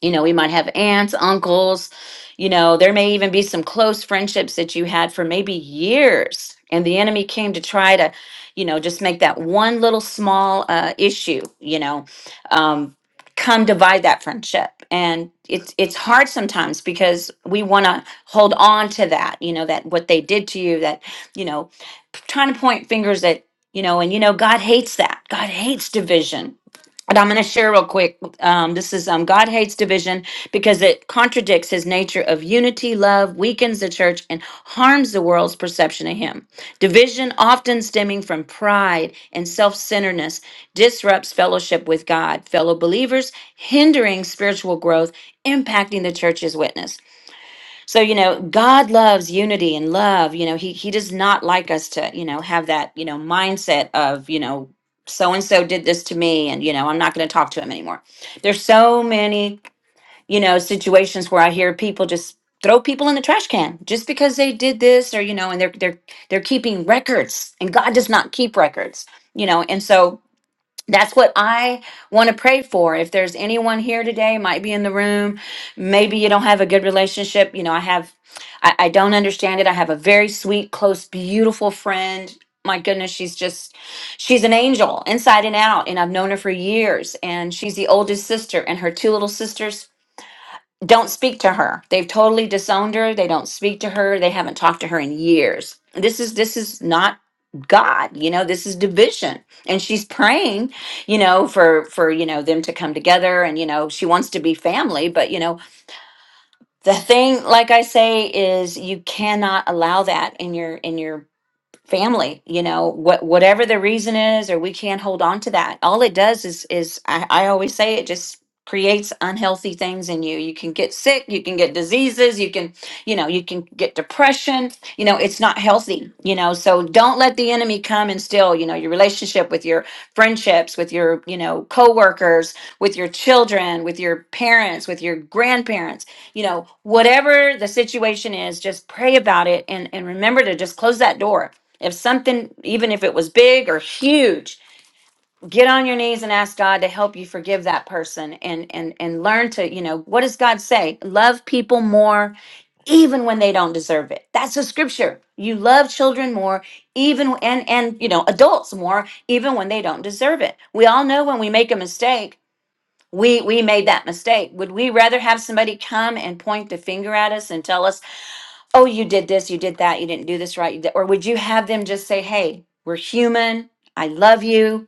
[SPEAKER 2] you know, we might have aunts, uncles, you know, there may even be some close friendships that you had for maybe years. And the enemy came to try to, you know, just make that one little small uh, issue, you know, um, come divide that friendship. And it's it's hard sometimes because we want to hold on to that, you know, that what they did to you, that you know, p- trying to point fingers at, you know, and you know, God hates that. God hates division and I'm going to share real quick. Um, this is um, God hates division because it contradicts his nature of unity, love, weakens the church, and harms the world's perception of him. Division, often stemming from pride and self centeredness, disrupts fellowship with God, fellow believers, hindering spiritual growth, impacting the church's witness. So, you know, God loves unity and love. You know, he he does not like us to, you know, have that, you know, mindset of, you know, so and so did this to me and, you know, I'm not going to talk to him anymore. There's so many, you know, situations where I hear people just throw people in the trash can just because they did this or, you know, and they're they're they're keeping records and God does not keep records, you know. And so that's what I want to pray for. If there's anyone here today, might be in the room, maybe you don't have a good relationship. You know, I have, I, I don't understand it. I have a very sweet, close, beautiful friend. My goodness, she's just, she's an angel inside and out. And I've known her for years. And she's the oldest sister, and her two little sisters don't speak to her. They've totally disowned her. They don't speak to her. They haven't talked to her in years. This is this is not God, you know, this is division. And she's praying, you know, for for, you know, them to come together and you know, she wants to be family, but you know, the thing like I say is you cannot allow that in your in your family you know what whatever the reason is or we can't hold on to that all it does is is I, I always say it just creates unhealthy things in you you can get sick you can get diseases you can you know you can get depression you know it's not healthy you know so don't let the enemy come and steal you know your relationship with your friendships with your you know coworkers with your children with your parents with your grandparents you know whatever the situation is just pray about it and and remember to just close that door if something, even if it was big or huge, get on your knees and ask God to help you forgive that person and and and learn to, you know, what does God say? Love people more even when they don't deserve it. That's a scripture. You love children more even and and you know, adults more even when they don't deserve it. We all know when we make a mistake, we we made that mistake. Would we rather have somebody come and point the finger at us and tell us oh, you did this, you did that, you didn't do this right, you did, or would you have them just say, hey, we're human, I love you,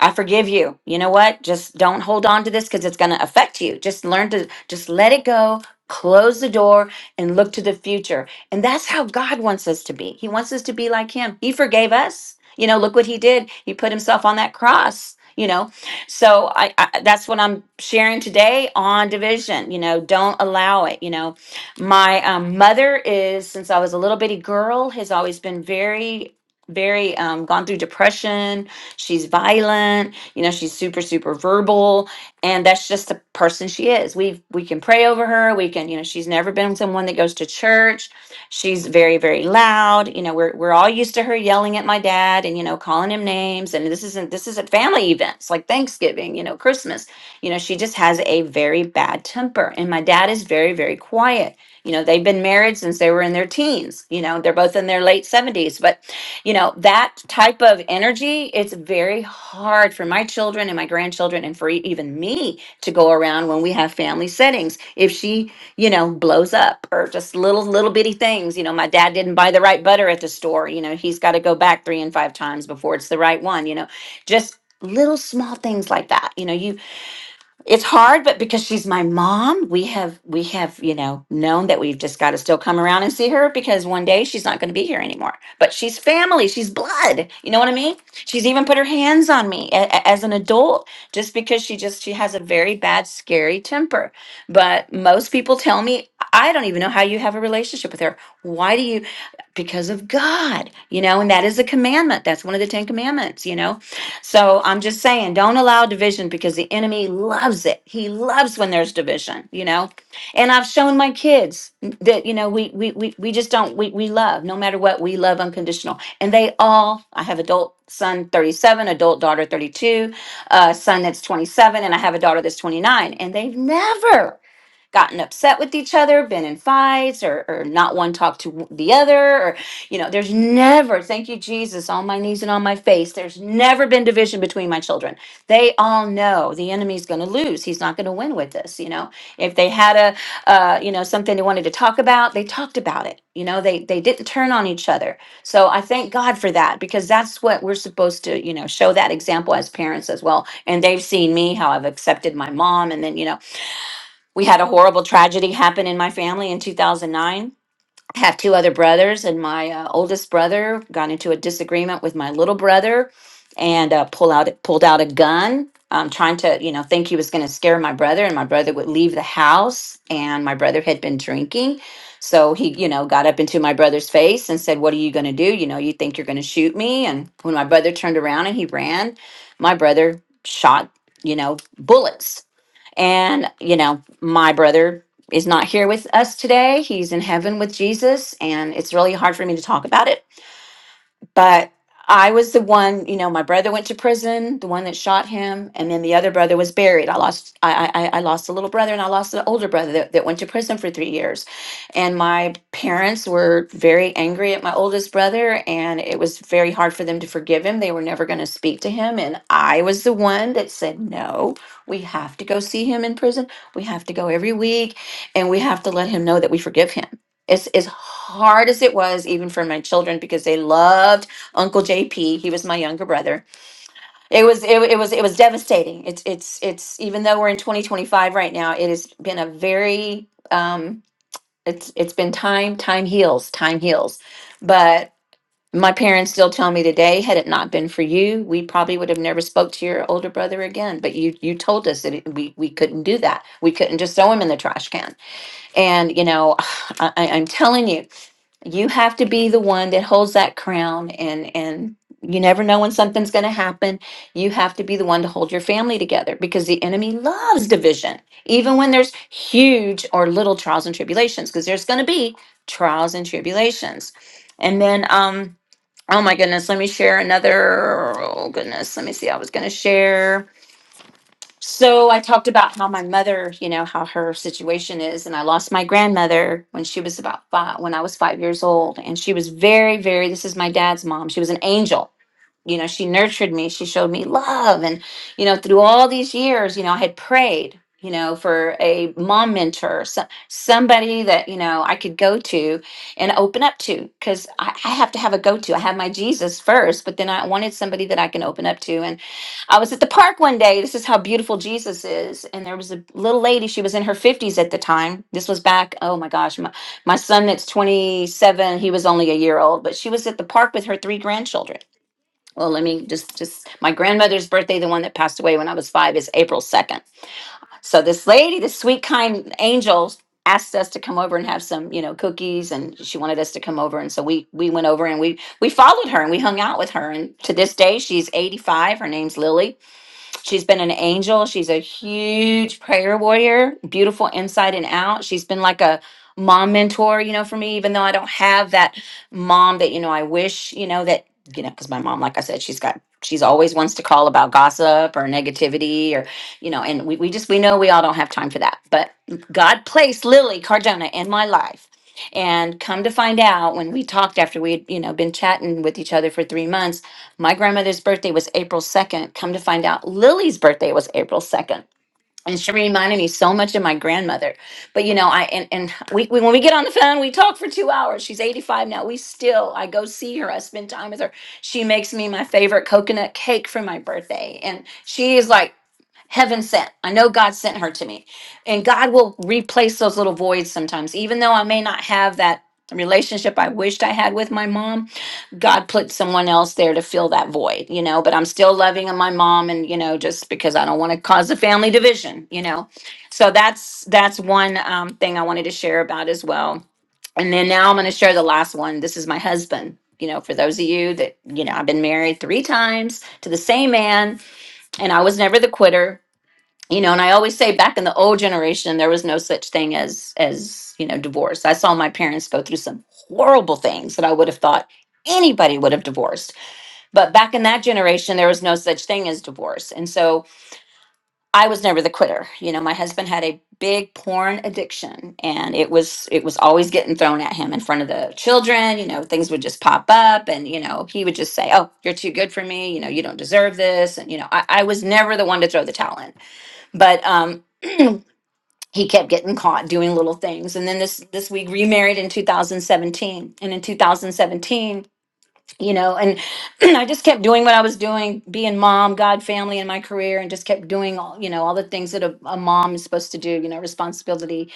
[SPEAKER 2] I forgive you. You know what? Just don't hold on to this because it's going to affect you. Just learn to just let it go, close the door, and look to the future. And that's how God wants us to be. He wants us to be like Him. He forgave us. You know, look what He did. He put Himself on that cross. You know, so I, I that's what I'm sharing today on division. You know, don't allow it. You know, my um, mother is since I was a little bitty girl has always been very, very um, gone through depression She's violent, you know, she's super super verbal and that's just the person she is. We we can pray over her, we can, you know, she's never been someone that goes to church. She's very very loud. You know, we're we're all used to her yelling at my dad and you know, calling him names and this isn't this is at family events like Thanksgiving, you know, Christmas. You know, she just has a very bad temper and my dad is very very quiet you know they've been married since they were in their teens you know they're both in their late 70s but you know that type of energy it's very hard for my children and my grandchildren and for e- even me to go around when we have family settings if she you know blows up or just little little bitty things you know my dad didn't buy the right butter at the store you know he's got to go back three and five times before it's the right one you know just little small things like that you know you it's hard but because she's my mom we have we have you know known that we've just got to still come around and see her because one day she's not going to be here anymore but she's family she's blood you know what i mean she's even put her hands on me a- a- as an adult just because she just she has a very bad scary temper but most people tell me i don't even know how you have a relationship with her why do you because of god you know and that is a commandment that's one of the 10 commandments you know so I'm just saying, don't allow division because the enemy loves it. He loves when there's division, you know. And I've shown my kids that you know we we we, we just don't we we love no matter what we love unconditional. And they all I have adult son 37, adult daughter 32, uh, son that's 27, and I have a daughter that's 29, and they've never gotten upset with each other, been in fights, or, or not one talked to the other, or, you know, there's never, thank you, Jesus, on my knees and on my face, there's never been division between my children. They all know the enemy's going to lose. He's not going to win with this, you know. If they had a, uh, you know, something they wanted to talk about, they talked about it. You know, they they didn't turn on each other. So I thank God for that because that's what we're supposed to, you know, show that example as parents as well. And they've seen me how I've accepted my mom, and then you know we had a horrible tragedy happen in my family in 2009 i have two other brothers and my uh, oldest brother got into a disagreement with my little brother and uh, pull out pulled out a gun um, trying to you know think he was going to scare my brother and my brother would leave the house and my brother had been drinking so he you know got up into my brother's face and said what are you going to do you know you think you're going to shoot me and when my brother turned around and he ran my brother shot you know bullets and, you know, my brother is not here with us today. He's in heaven with Jesus, and it's really hard for me to talk about it but I was the one, you know, my brother went to prison, the one that shot him, and then the other brother was buried. I lost, I, I, I lost a little brother, and I lost an older brother that, that went to prison for three years. And my parents were very angry at my oldest brother, and it was very hard for them to forgive him. They were never going to speak to him, and I was the one that said, "No, we have to go see him in prison. We have to go every week, and we have to let him know that we forgive him." As, as hard as it was, even for my children, because they loved Uncle JP. He was my younger brother. It was it, it was it was devastating. It's it's it's even though we're in 2025 right now, it has been a very um it's it's been time time heals, time heals. But my parents still tell me today, had it not been for you, we probably would have never spoke to your older brother again. But you you told us that it, we we couldn't do that. We couldn't just throw him in the trash can and, you know, I, I- I'm telling you, you have to be the one that holds that crown and and you never know when something's going to happen you have to be the one to hold your family together because the enemy loves division even when there's huge or little trials and tribulations because there's going to be trials and tribulations and then um oh my goodness let me share another oh goodness let me see i was going to share so I talked about how my mother, you know, how her situation is, and I lost my grandmother when she was about five, when I was five years old, and she was very, very. This is my dad's mom. She was an angel you know she nurtured me she showed me love and you know through all these years you know i had prayed you know for a mom mentor so, somebody that you know i could go to and open up to because I, I have to have a go-to i have my jesus first but then i wanted somebody that i can open up to and i was at the park one day this is how beautiful jesus is and there was a little lady she was in her 50s at the time this was back oh my gosh my, my son that's 27 he was only a year old but she was at the park with her three grandchildren well, let me just just my grandmother's birthday, the one that passed away when I was five, is April second. So this lady, this sweet kind angel, asked us to come over and have some, you know, cookies, and she wanted us to come over, and so we we went over and we we followed her and we hung out with her, and to this day she's eighty five. Her name's Lily, She's been an angel. She's a huge prayer warrior, beautiful inside and out. She's been like a mom mentor, you know, for me, even though I don't have that mom that, you know, I wish, you know, that, you know, because my mom, like I said, she's got, she's always wants to call about gossip or negativity or, you know, and we, we just, we know we all don't have time for that. But God placed Lily Cardona in my life. And come to find out when we talked after we had, you know, been chatting with each other for three months my grandmother's birthday was April 2nd. Come to find out, Lily's birthday was April 2nd. And she reminded me so much of my grandmother. But you know, I and, and we, we when we get on the phone, we talk for two hours. She's 85 now. We still, I go see her, I spend time with her. She makes me my favorite coconut cake for my birthday. And she is like Heaven sent. I know God sent her to me. And God will replace those little voids sometimes. Even though I may not have that relationship I wished I had with my mom, God put someone else there to fill that void, you know. But I'm still loving my mom and, you know, just because I don't want to cause a family division, you know. So that's that's one um, thing I wanted to share about as well. And then now I'm going to share the last one. This is my husband. You know, for those of you that, you know, I've been married three times to the same man and I was never the quitter you know and i always say back in the old generation there was no such thing as as you know divorce i saw my parents go through some horrible things that i would have thought anybody would have divorced but back in that generation there was no such thing as divorce and so i was never the quitter you know my husband had a big porn addiction and it was it was always getting thrown at him in front of the children you know things would just pop up and you know he would just say oh you're too good for me you know you don't deserve this and you know i, I was never the one to throw the towel in but um he kept getting caught doing little things and then this this we remarried in 2017 and in 2017 you know and i just kept doing what i was doing being mom god family and my career and just kept doing all you know all the things that a, a mom is supposed to do you know responsibility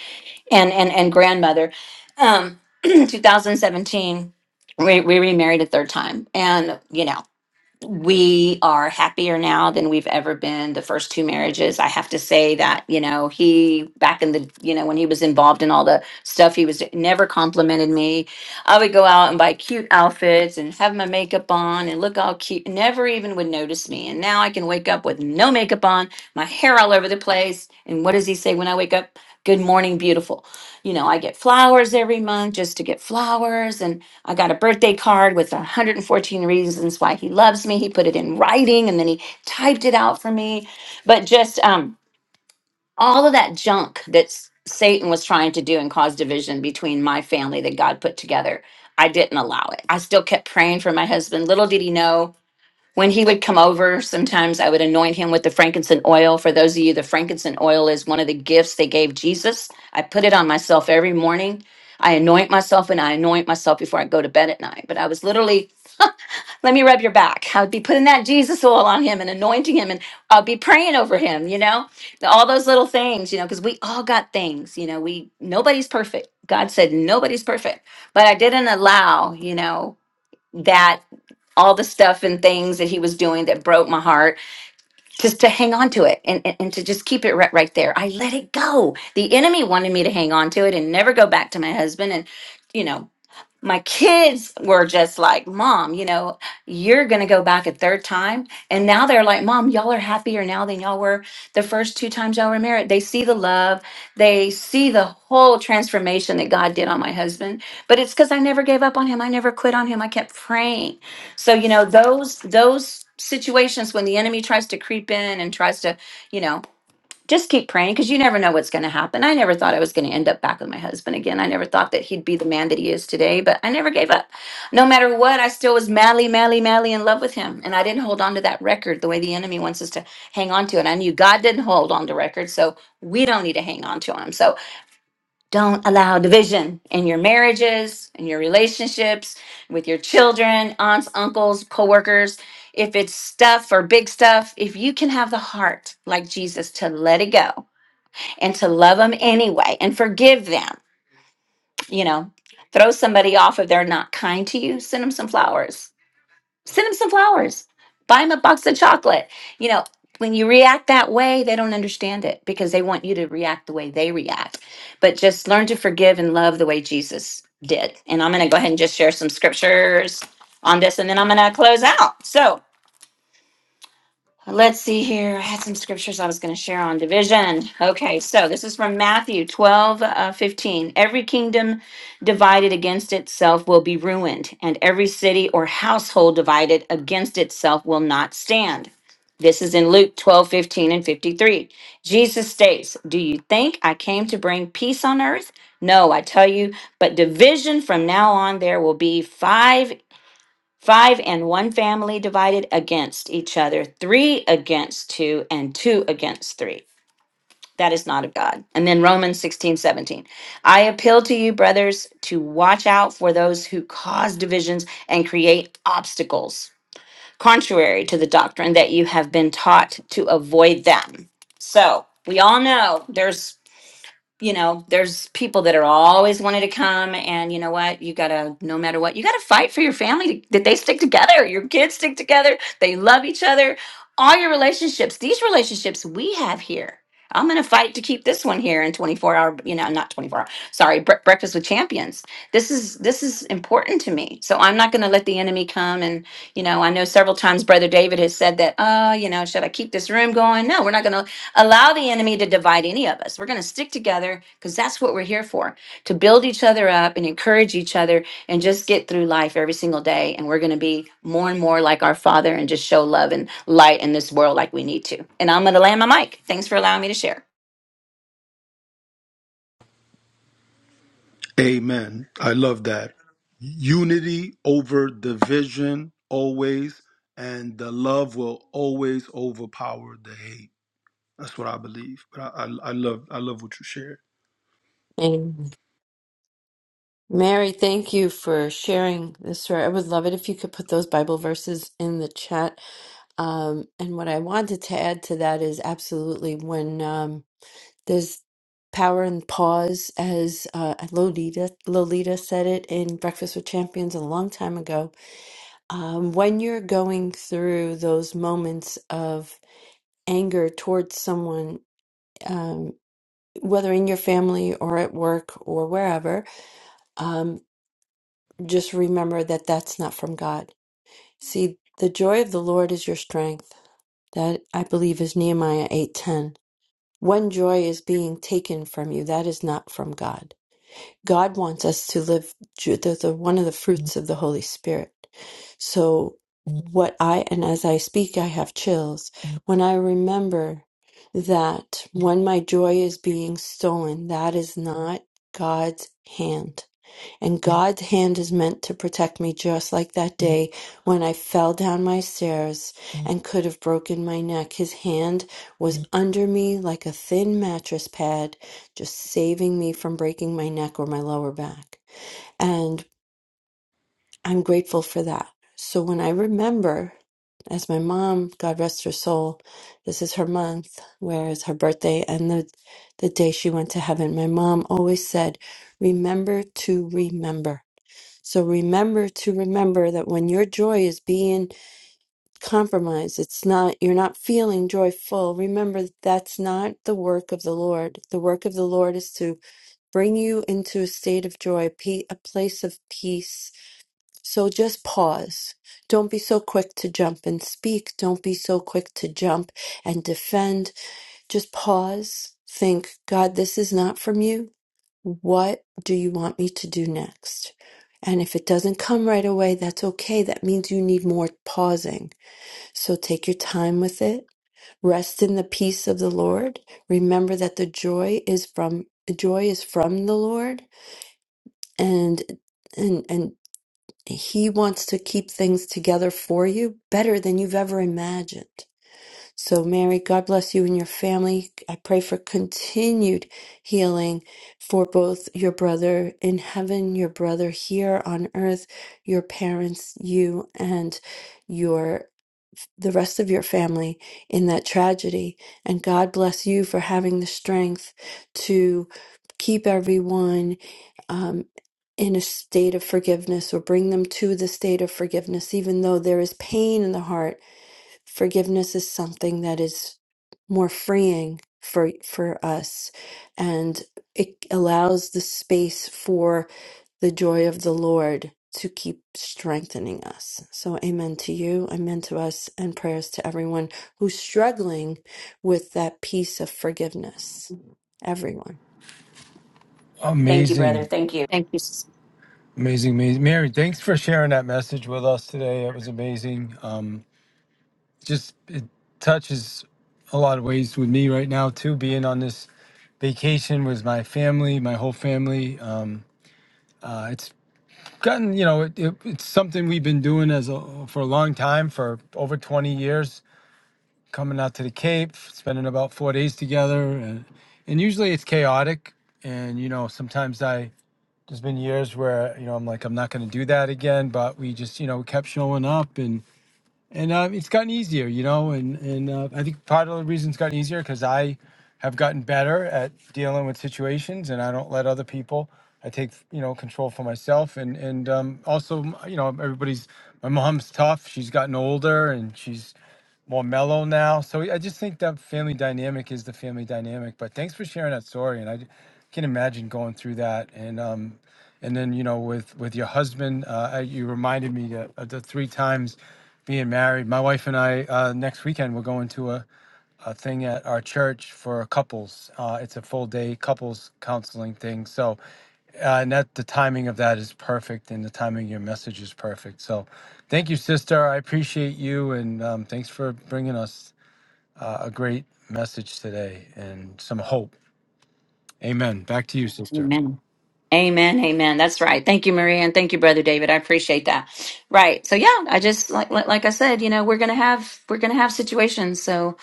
[SPEAKER 2] and and and grandmother um 2017 we, we remarried a third time and you know we are happier now than we've ever been the first two marriages i have to say that you know he back in the you know when he was involved in all the stuff he was never complimented me i would go out and buy cute outfits and have my makeup on and look all cute never even would notice me and now i can wake up with no makeup on my hair all over the place and what does he say when i wake up good morning beautiful you know i get flowers every month just to get flowers and I got a birthday card with 114 reasons why he loves me. He put it in writing and then he typed it out for me. But just um, all of that junk that s- Satan was trying to do and cause division between my family that God put together, I didn't allow it. I still kept praying for my husband. Little did he know when he would come over, sometimes I would anoint him with the frankincense oil. For those of you, the frankincense oil is one of the gifts they gave Jesus. I put it on myself every morning. I anoint myself and I anoint myself before I go to bed at night. But I was literally, let me rub your back. I would be putting that Jesus oil on him and anointing him and I'll be praying over him, you know, all those little things, you know, because we all got things, you know, we, nobody's perfect. God said nobody's perfect. But I didn't allow, you know, that all the stuff and things that he was doing that broke my heart just to hang on to it and, and, and to just keep it right, right there i let it go the enemy wanted me to hang on to it and never go back to my husband and you know my kids were just like, Mom, you know, you're going to go back a third time. And now they're like, Mom, y'all are happier now than y'all were the first two times y'all were married. They see the love, they see the whole transformation that God did on my husband. But it's because I never gave up on him. I never quit on him. I kept praying. So, you know, those, those, situations when the enemy tries to creep in and tries to you know just keep praying because you never know what's going to happen. I never thought I was going to end up back with my husband again. I never thought that he'd be the man that he is today, but I never gave up. No matter what, I still was madly, madly, madly in love with him. And I didn't hold on to that record the way the enemy wants us to hang on to it. I knew God didn't hold on to records, so we don't need to hang on to them. So don't allow division in your marriages, in your relationships, with your children, aunts, uncles, coworkers. If it's stuff or big stuff, if you can have the heart like Jesus to let it go and to love them anyway and forgive them. You know, throw somebody off if they're not kind to you. Send them some flowers. Send them some flowers. Buy them a box of chocolate. You know, when you react that way, they don't understand it because they want you to react the way they react. But just learn to forgive and love the way Jesus did. And I'm going to go ahead and just share some scriptures on this and then I'm going to close out. So, Let's see here. I had some scriptures I was going to share on division. Okay, so this is from Matthew 12 uh, 15. Every kingdom divided against itself will be ruined, and every city or household divided against itself will not stand. This is in Luke 12 15 and 53. Jesus states, Do you think I came to bring peace on earth? No, I tell you, but division from now on there will be five Five and one family divided against each other, three against two, and two against three. That is not of God. And then Romans 16 17, I appeal to you, brothers, to watch out for those who cause divisions and create obstacles, contrary to the doctrine that you have been taught to avoid them. So we all know there's you know, there's people that are always wanting to come, and you know what? You gotta, no matter what, you gotta fight for your family to, that they stick together. Your kids stick together. They love each other. All your relationships, these relationships we have here. I'm gonna fight to keep this one here in 24 hour, you know, not 24 hour. Sorry, bre- breakfast with champions. This is this is important to me. So I'm not gonna let the enemy come and, you know, I know several times Brother David has said that. Oh, you know, should I keep this room going? No, we're not gonna allow the enemy to divide any of us. We're going to stick together because that's what we're here for to build each other up and encourage each other and just get through life every single day. And we're going to be more and more like our Father and just show love and light in this world like we need to. And I'm going to land my mic. Thanks for allowing me to share.
[SPEAKER 3] Amen. I love that. Unity over division always, and the love will always overpower the hate. That's what I believe. But I, I, I love I love what you shared.
[SPEAKER 6] And Mary, thank you for sharing this story. I would love it if you could put those Bible verses in the chat. Um, and what I wanted to add to that is absolutely when um, there's power in pause, as uh, Lolita Lolita said it in Breakfast with Champions a long time ago. Um, when you're going through those moments of anger towards someone. um, whether in your family or at work or wherever, um, just remember that that's not from God. See, the joy of the Lord is your strength. That I believe is Nehemiah eight ten. When joy is being taken from you, that is not from God. God wants us to live. ju- they the, one of the fruits of the Holy Spirit. So, what I, and as I speak, I have chills when I remember that when my joy is being stolen, that is not God's hand. And God's hand is meant to protect me, just like that day when I fell down my stairs and could have broken my neck. His hand was under me like a thin mattress pad, just saving me from breaking my neck or my lower back. And I'm grateful for that. So when I remember, as my mom, God rest her soul, this is her month, where is her birthday, and the, the day she went to heaven, my mom always said, Remember to remember so remember to remember that when your joy is being compromised, it's not, you're not feeling joyful. Remember that that's not the work of the Lord. The work of the Lord is to bring you into a state of joy, pe- a place of peace. So just pause. Don't be so quick to jump and speak. Don't be so quick to jump and defend. Just pause. Think, God, this is not from you. What do you want me to do next? And if it doesn't come right away, that's okay. That means you need more pausing. So take your time with it. Rest in the peace of the Lord. Remember that the joy is from joy is from the Lord and and and he wants to keep things together for you better than you've ever imagined. So, Mary, God bless you and your family. I pray for continued healing for both your brother in heaven, your brother here on earth, your parents, you, and your the rest of your family in that tragedy. And God bless you for having the strength to keep everyone um, in a state of forgiveness or bring them to the state of forgiveness, even though there is pain in the heart Forgiveness is something that is more freeing for for us and it allows the space for the joy of the Lord to keep strengthening us. So amen to you, amen to us and prayers to everyone who's struggling with that piece of forgiveness. Everyone.
[SPEAKER 2] Thank you, brother.
[SPEAKER 1] Amazing,
[SPEAKER 2] Thank you. Thank you. sis.
[SPEAKER 1] amazing, amazing. Mary, thanks for sharing that message with us today. It was amazing. Um, just it touches a lot of ways with me right now too. Being on this vacation with my family, my whole family. Um, uh, it's gotten you know it, it, it's something we've been doing as a, for a long time for over 20 years coming out to the cape spending about four days together and, and usually it's chaotic and you know sometimes i there's been years where you know i'm like i'm not going to do that again but we just you know kept showing up and and uh, it's gotten easier, you know. And and uh, I think part of the reason it's gotten easier because I have gotten better at dealing with situations, and I don't let other people. I take you know control for myself, and and um, also you know everybody's. My mom's tough. She's gotten older, and she's more mellow now. So I just think that family dynamic is the family dynamic. But thanks for sharing that story, and I d- can imagine going through that. And um, and then you know with with your husband, uh, I- you reminded me that, of the three times being married. My wife and I uh, next weekend we're going to a, a thing at our church for couples. Uh, it's a full day couples counseling thing. So, uh, and that the timing of that is perfect, and the timing of your message is perfect. So, thank you, sister. I appreciate you, and um, thanks for bringing us uh, a great message today and some hope. Amen. Back to you, sister.
[SPEAKER 2] Amen. Amen. Amen. That's right. Thank you, Maria, and thank you, Brother David. I appreciate that. Right. So yeah, I just like like like I said, you know, we're gonna have we're gonna have situations. So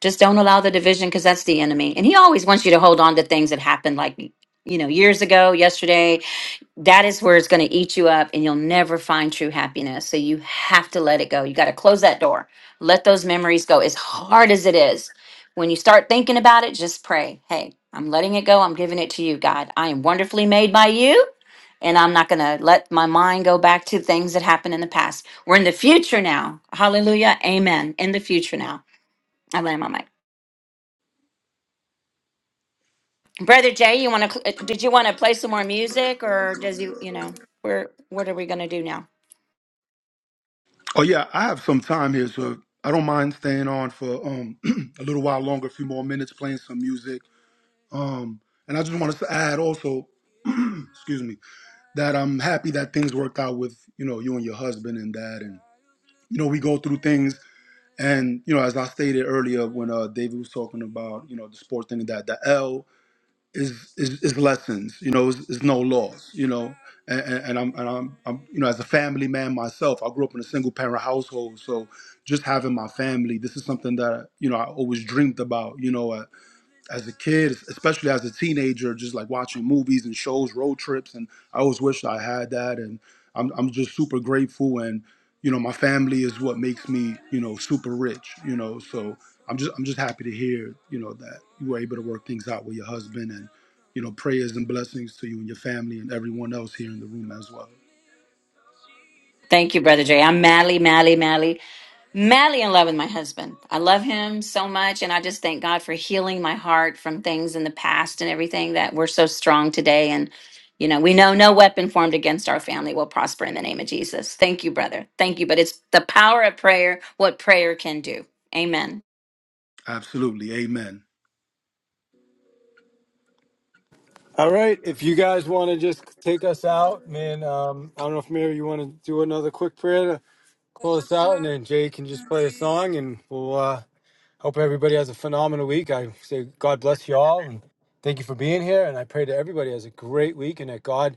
[SPEAKER 2] Just don't allow the division because that's the enemy. And he always wants you to hold on to things that happened like, you know, years ago, yesterday. That is where it's going to eat you up and you'll never find true happiness. So you have to let it go. You got to close that door. Let those memories go as hard as it is. When you start thinking about it, just pray, hey, I'm letting it go. I'm giving it to you, God. I am wonderfully made by you. And I'm not going to let my mind go back to things that happened in the past. We're in the future now. Hallelujah. Amen. In the future now. I land my mic. Brother Jay, you want to? Did you want to play some more music, or does you? You know, where? What are we going to do now?
[SPEAKER 3] Oh yeah, I have some time here, so I don't mind staying on for um a little while longer, a few more minutes, playing some music. Um, and I just wanted to add also, excuse me, that I'm happy that things worked out with you know you and your husband and that, and you know we go through things, and you know as I stated earlier when uh, David was talking about you know the sports thing and that the L is is, is lessons, you know, is, is no loss, you know, and, and, and I'm and I'm, I'm you know as a family man myself, I grew up in a single parent household, so just having my family, this is something that you know I always dreamed about, you know, uh, as a kid, especially as a teenager, just like watching movies and shows, road trips, and I always wished I had that. And I'm I'm just super grateful, and you know, my family is what makes me you know super rich. You know, so I'm just I'm just happy to hear you know that you were able to work things out with your husband, and you know, prayers and blessings to you and your family and everyone else here in the room as well.
[SPEAKER 2] Thank you, Brother Jay. I'm madly, madly, madly, madly in love with my husband. I love him so much, and I just thank God for healing my heart from things in the past and everything that we're so strong today. And you know, we know no weapon formed against our family will prosper in the name of Jesus. Thank you, brother. Thank you. But it's the power of prayer. What prayer can do. Amen.
[SPEAKER 3] Absolutely, Amen.
[SPEAKER 1] All right. If you guys want to just take us out, man, um, I don't know if Mary, you want to do another quick prayer close us out, and then Jay can just play a song, and we'll uh, hope everybody has a phenomenal week. I say God bless you all, and thank you for being here. And I pray that everybody has a great week, and that God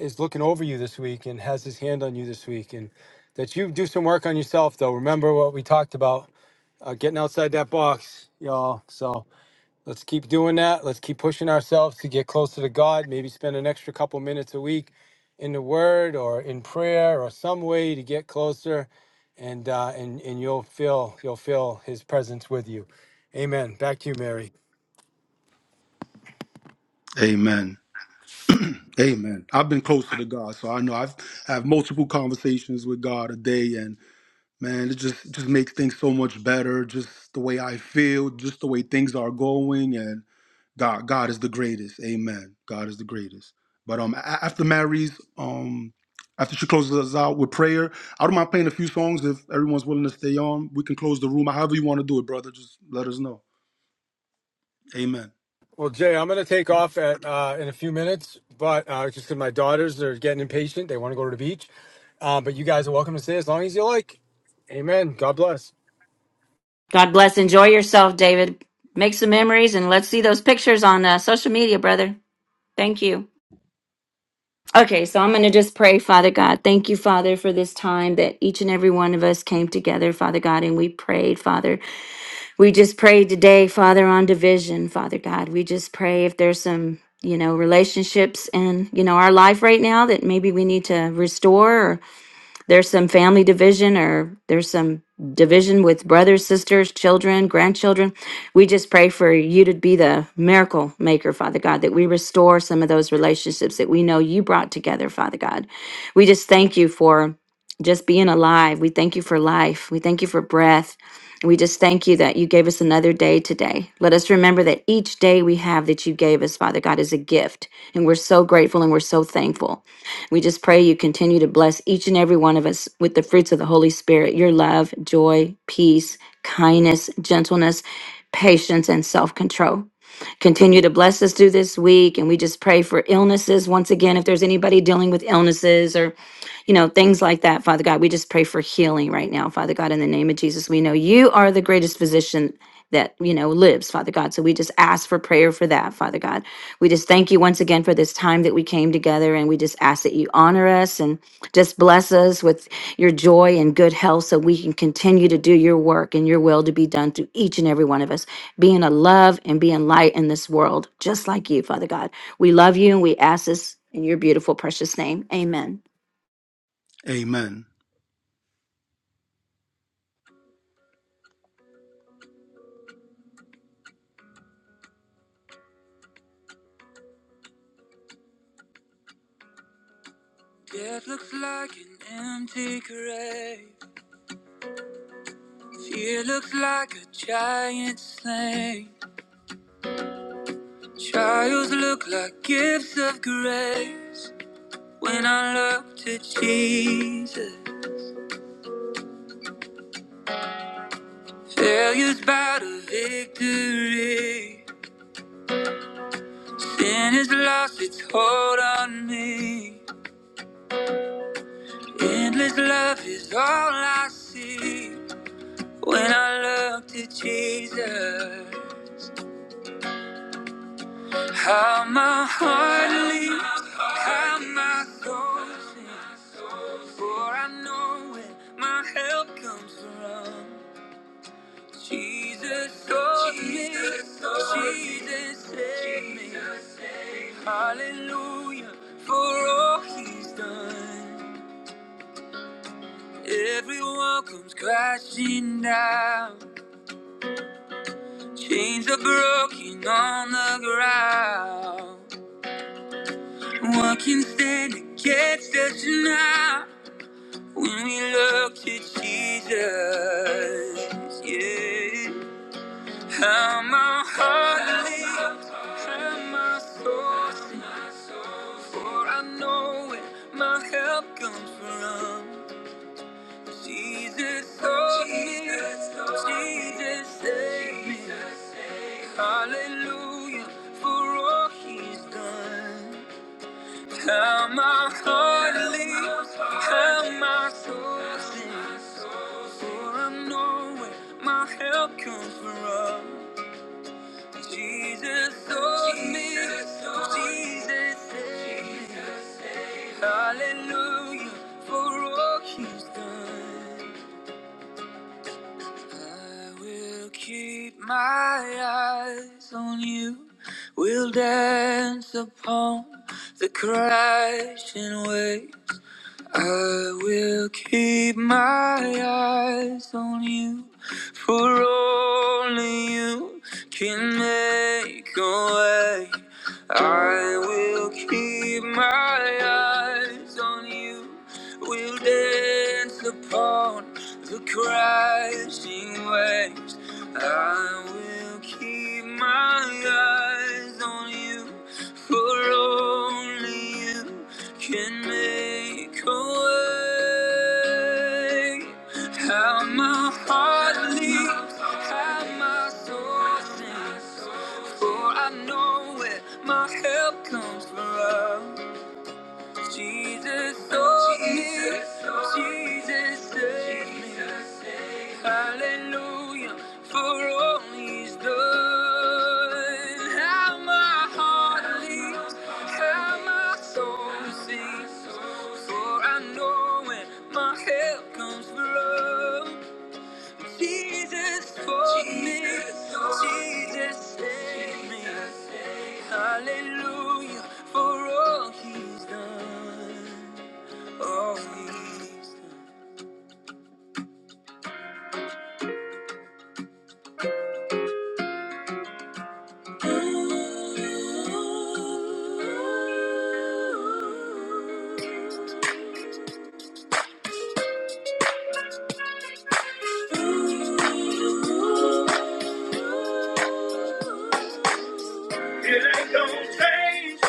[SPEAKER 1] is looking over you this week and has His hand on you this week, and that you do some work on yourself. Though remember what we talked about, uh, getting outside that box, y'all. So. Let's keep doing that. Let's keep pushing ourselves to get closer to God. Maybe spend an extra couple minutes a week in the Word or in prayer or some way to get closer, and uh, and and you'll feel you'll feel His presence with you. Amen. Back to you, Mary.
[SPEAKER 3] Amen. Amen. I've been closer to God, so I know I've have multiple conversations with God a day, and man, it just just makes things so much better. Just the way I feel, just the way things are going, and God, God is the greatest. Amen. God is the greatest. But um, a- after Mary's um, after she closes us out with prayer, I don't mind playing a few songs if everyone's willing to stay on. We can close the room. However you want to do it, brother. Just let us know. Amen.
[SPEAKER 1] Well, Jay, I'm gonna take off at uh, in a few minutes, but uh, just because my daughters are getting impatient, they want to go to the beach. Uh, but you guys are welcome to stay as long as you like. Amen. God bless.
[SPEAKER 2] God bless. Enjoy yourself, David. Make some memories and let's see those pictures on uh, social media, brother. Thank you. Okay, so I'm going to just pray, Father God. Thank you, Father, for this time that each and every one of us came together, Father God, and we prayed, Father. We just prayed today, Father, on division, Father God. We just pray if there's some, you know, relationships in, you know, our life right now that maybe we need to restore there's some family division or there's some division with brothers, sisters, children, grandchildren. We just pray for you to be the miracle maker, Father God, that we restore some of those relationships that we know you brought together, Father God. We just thank you for just being alive. We thank you for life. We thank you for breath. We just thank you that you gave us another day today. Let us remember that each day we have that you gave us, Father God, is a gift. And we're so grateful and we're so thankful. We just pray you continue to bless each and every one of us with the fruits of the Holy Spirit your love, joy, peace, kindness, gentleness, patience, and self control. Continue to bless us through this week. And we just pray for illnesses. Once again, if there's anybody dealing with illnesses or you know, things like that, Father God. We just pray for healing right now, Father God, in the name of Jesus. We know you are the greatest physician that, you know, lives, Father God. So we just ask for prayer for that, Father God. We just thank you once again for this time that we came together and we just ask that you honor us and just bless us with your joy and good health so we can continue to do your work and your will to be done through each and every one of us, being a love and being light in this world, just like you, Father God. We love you and we ask this in your beautiful, precious name. Amen.
[SPEAKER 3] Amen. Fear looks like a giant slain. Trials look like gifts of grace, and I look to Jesus. Failures by victory, and His lost its hold on me. Endless love is all I see when I look to Jesus. How my heart leaves, how my soul sings, for I know when my help comes from Jesus. Oh, Jesus, oh, Jesus, save me. Hallelujah for all he's done. Everyone comes crashing down. Chains are broken on the ground. It's now when we look to Jesus. Yeah. How my heart leaves, how my soul sings, for I know where my help comes from. Jesus, oh, yeah. Jesus, oh, yeah. Jesus, save me. Hallelujah for all he's done. How my heart leaps, how my soul sings, for I know where my help comes from. Jesus owes me, Jesus. Hallelujah for all he's done. I will keep my eyes on you. We'll dance upon the crashing waves. I will keep my eyes on you, for only you can make a way. I will keep my eyes on you, we'll dance upon the crashing waves. I will keep my eyes on you. For only you can make a way. How my heart leaps, how my soul sings. For I know where my help comes from. Jesus told me, Jesus saved me. Hallelujah for all he's done. How my heart leaps, how my soul sings. For I know when my help comes from. Jesus for me. Jesus saved me. Hallelujah for all he's done. All he's done. It ain't gonna change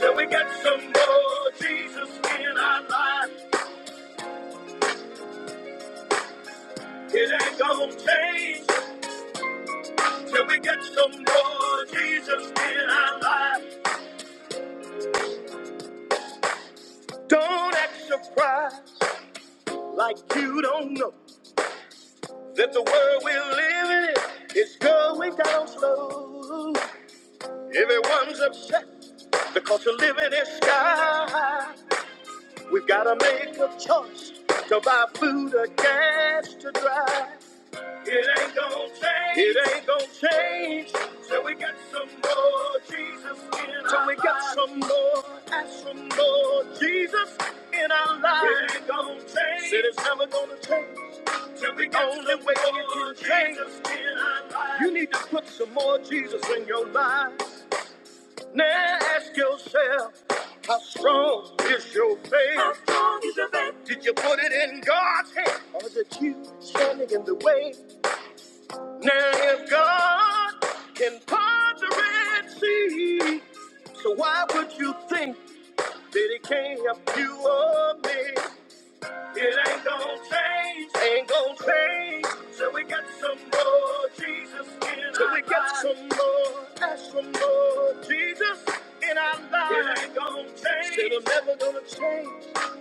[SPEAKER 3] till we got some more Jesus in our life. It ain't gonna change till we got some more Jesus in our life. Don't act surprised like you don't know. That the world we live in is going down slow. Everyone's upset because the living is sky. We've got to make a choice to buy food or gas to drive. It ain't gonna change. It ain't gonna change. Till we get some more Jesus in our Till we get lives. some more and some more Jesus in our lives. It ain't gonna change. Said it's never gonna change. Till we get Only some way more it can change. Jesus in our lives. You need to put some more Jesus in your life. Now ask yourself, how strong is your faith? How strong is your faith? Did you put it in God's hand? Or is it you standing in the way? Now if God can part the Red Sea, so why would you think that He can't help you or me? It ain't gonna change, ain't gonna change. So we got some more Jesus in so we our got lives. some more, that's some more Jesus in our lives. It ain't gonna change.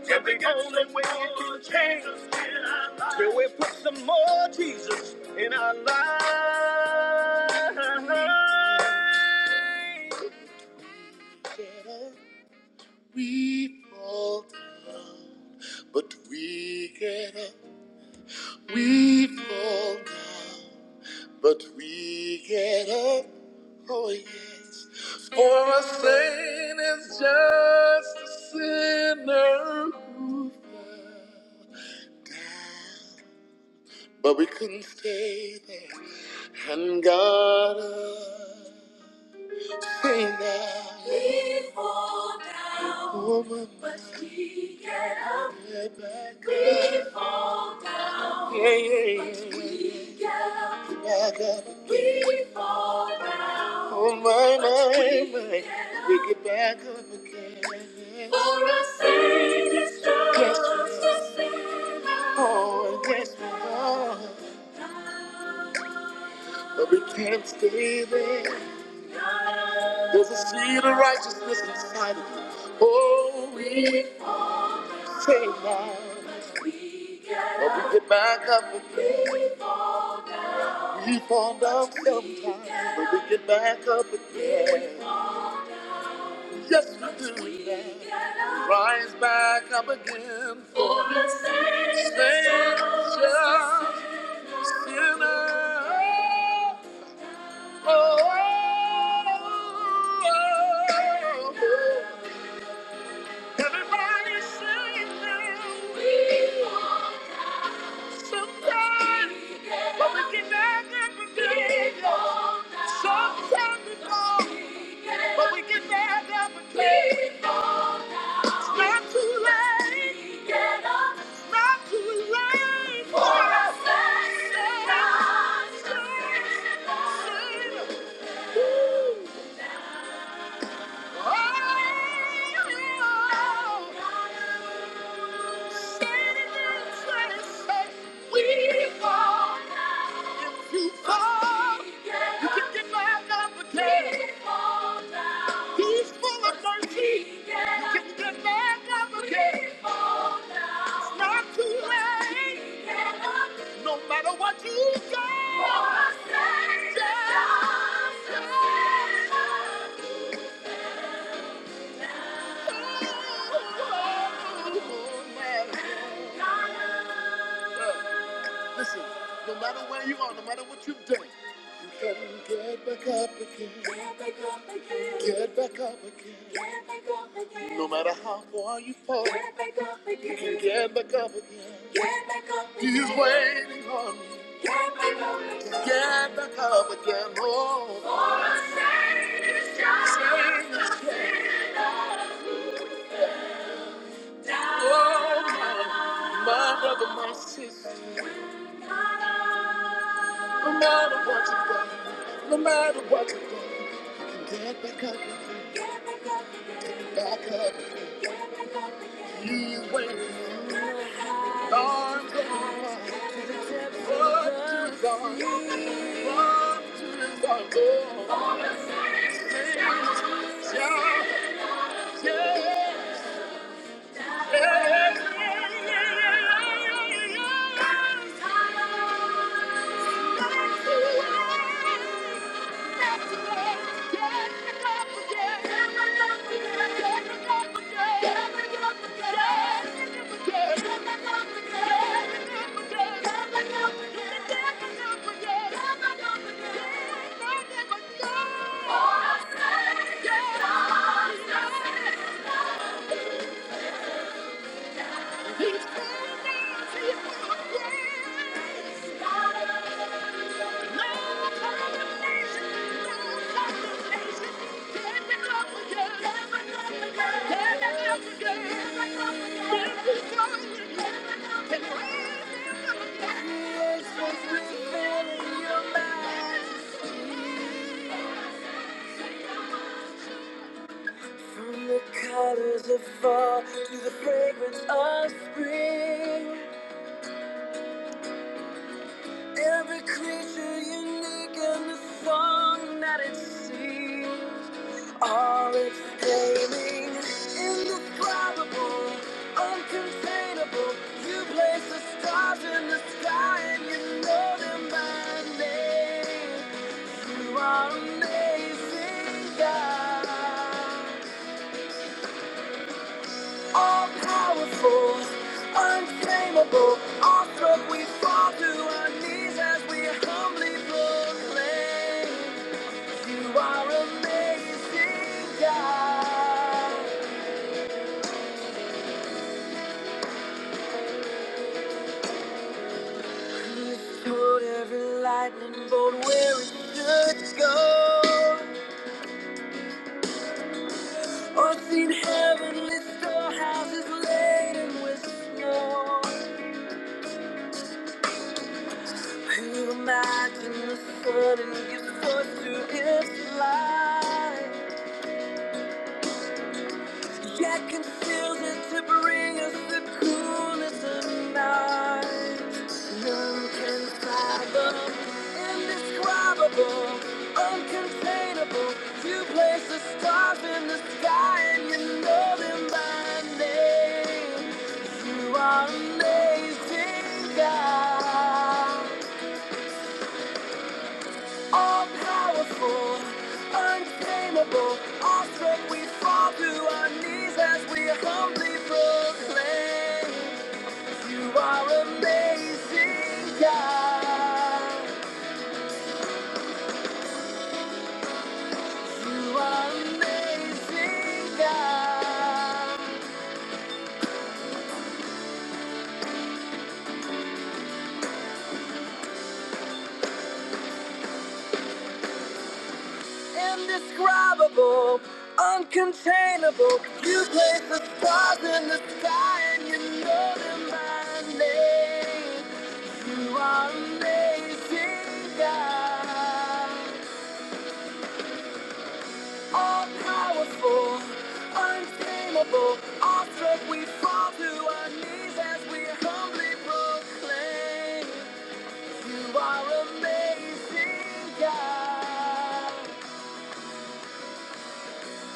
[SPEAKER 3] If we only will change, till we put some more Jesus in our lives. We fall, but we get up. We fall down, but we get up. Oh yes, for a saint is just a sinner who fell down. But we couldn't stay there. And God, sing now. We fall down. Woman. But we get up. Get back we up. fall down. Yeah, yeah, yeah. But we fall down. Amen, but we amen. get We back up again. For a Savior's just Yes, we love. are. Oh, yes, we are. But we There's a seed of righteousness inside of you. Oh, we take that. But we get back up again. We fall down sometimes, but we get back up again. Rise and stand just Sometimes, but we get back again. Sometimes we fall, but we get up too late to rise. For us, stand, stand, stand, us, save us. No matter what you go, oh, Listen, no matter where you are, no matter what you're doing, you can get back up again. Get back up again. Get back up again. Get back up again. No matter how far you fall, get back up again. you can get back up again. Get back up again. He's waiting on you. Get back up again. Get back up again. Oh, For a savior's child. Say, oh, my brother, no matter what you have done, no matter what you do, waiting on you. Yeah. From the colors of fall to the fragrance of spring. Every creature unique in the song that it sings. All exclaiming, indescribable, uncontainable. You place the stars in the sky and you know them by name. You are amazing, God all powerful, untamable, awestruck, we fall to our knees as we humbly proclaim, You are amazing, God. You told every lightning bolt where it should go, or seen heavenly storehouses laden with snow. Who imagined the sun and gives forth to its light? Yet conceals it to bring us the coolness of night. None can fathom, indescribable, uncontainable. You place the stars in the sky and you know them by name. You are amazing, God all powerful, untamable, awesome. We fall to our knees as we humbly proclaim, You are amazing, God. You are amazing, God. Indescribable, uncontainable. You place the stars in the sky and you know them by name. You are amazing, God. All powerful, untamable. Awestruck, we fall to our knees as we humbly proclaim. You are amazing, God.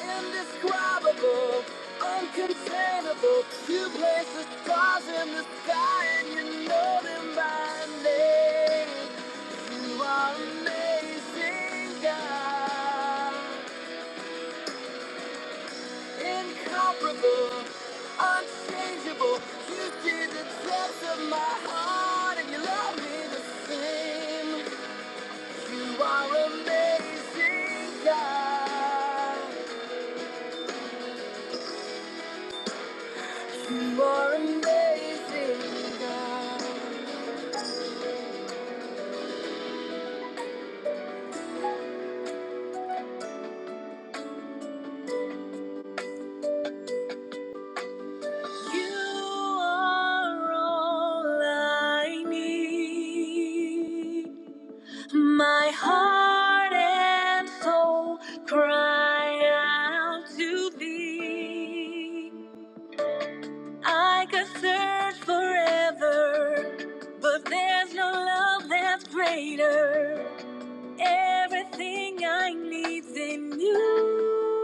[SPEAKER 3] Indescribable, uncontainable. You place the stars in the sky and you know them by name. You are amazing, God. Incomparable, unchangeable. You see the depths of my heart and you love me the same. You are amazing, God. more amazing God. You are all I need. My heart and soul cry out to thee. I could search forever, but there's no love that's greater. Everything I need's in you.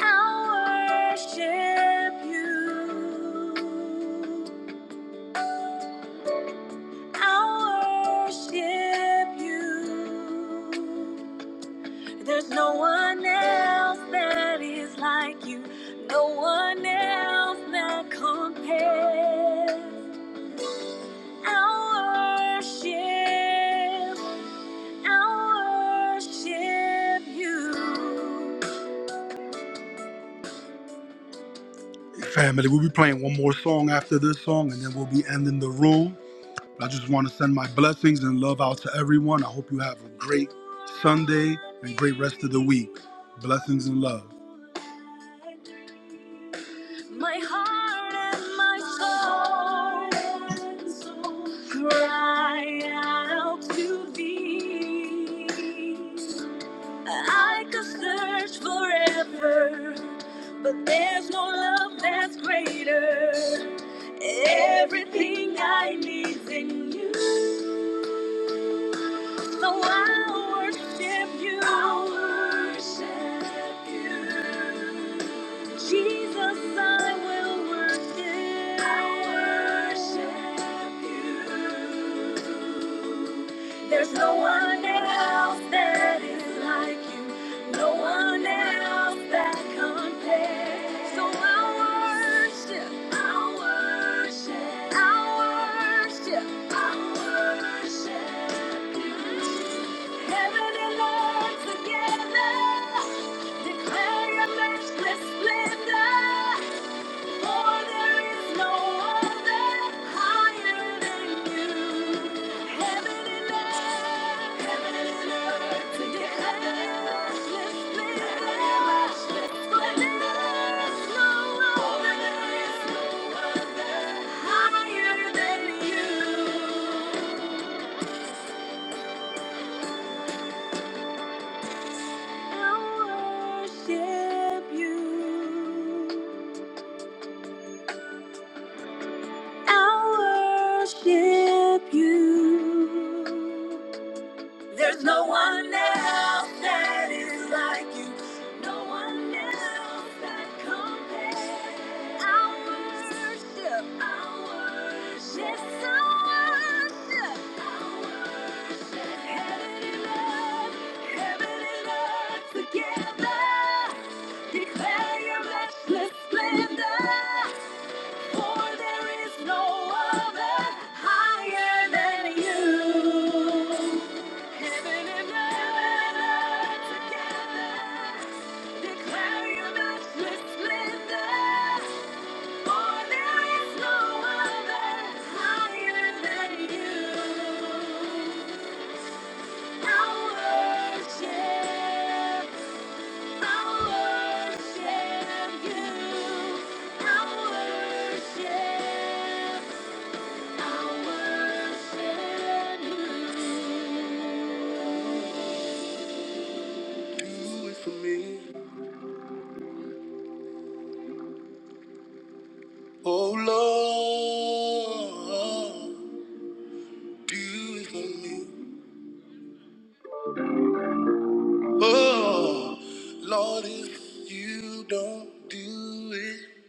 [SPEAKER 3] I worship you. I worship you. There's no one else that is like you. No one else that compares. I worship. I worship you. Family, we'll be playing one more song after this song, and then we'll be ending the room. I just want to send my blessings and love out to everyone. I hope you have a great Sunday and great rest of the week. Blessings and love. My heart and my soul, and soul cry out to thee. I could search forever, but there's no love that's greater. Everything I need's in you. So I worship you. I worship you. Jesus, I will worship. I worship you. There's no one else that is like you. No one else that compares. So Together, declare your matchless splendor. I worship you. I worship you. There's no one else that is like you. No one else that compares. I worship. I worship. Yes, I worship. I worship. Heaven and earth, heaven and earth together. Declare your matchless splendor. For there is no other higher than you. Heaven and earth together declare your matchless splendor. For there is no other higher than you. I worship, I worship you. I worship. Oh Lord, do it for me. Oh Lord, if you don't do it,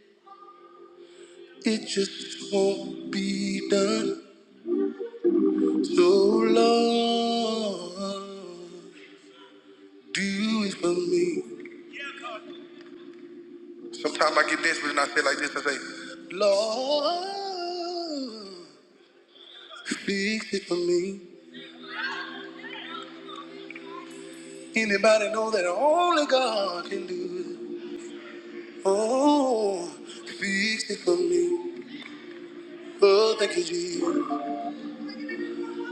[SPEAKER 3] it just won't be done. Sometimes I get desperate and I say like this, I say, Oh, thank you, Jesus.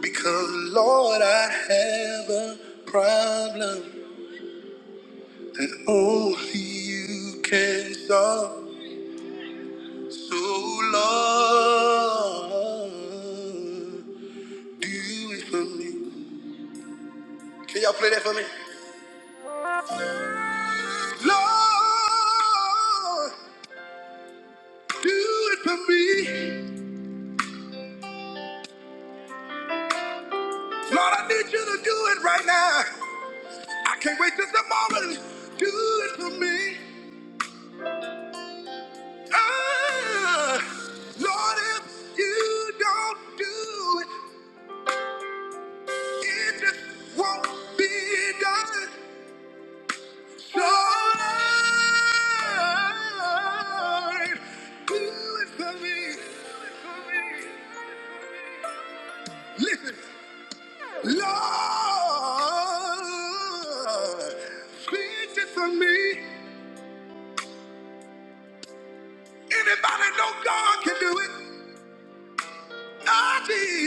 [SPEAKER 3] Because Lord, I have a problem. and Only you can solve. So Lord, do it for me. Can y'all play that for me? Lord, do it for me. Lord, I need you to do it right now. I can't wait till tomorrow. Do it for me. Ah, Lord, if you don't do it, it just won't be done. So Big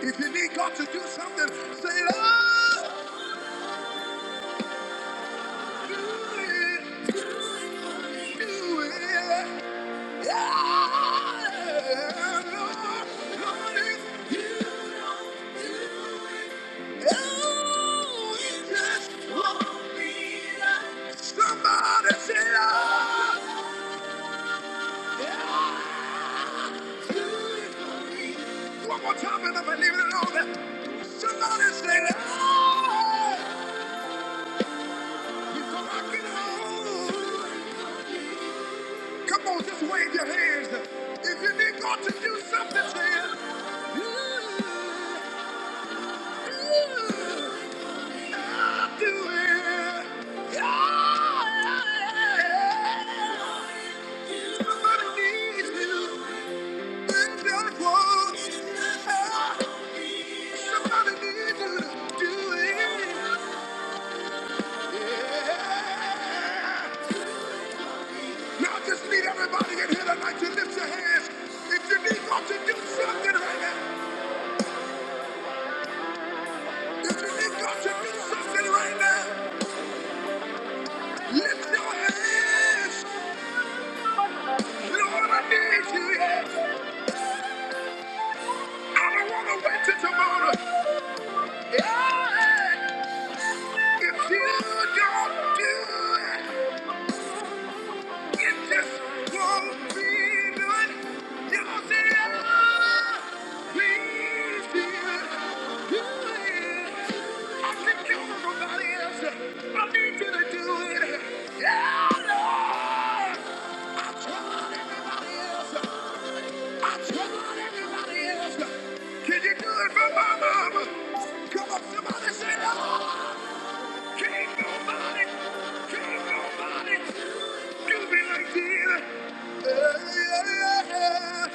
[SPEAKER 3] If you need God to do something, say, Lord, do it. Do it. Yeah. Lord, Lord, if you don't do it, oh, it just won't be done. Somebody say, Lord, yeah. Somebody needs you. It just won't. Now I just need everybody in here tonight to lift your hands. If you need God to do something right now, if you need God to do something right now, need you. I don't want to wait till tomorrow. Yeah. If you don't do it, it just won't be good. Y'all see it? Can you do it for my mama? Come on, somebody say, oh, can nobody, can nobody do me like this. Yeah, yeah, yeah.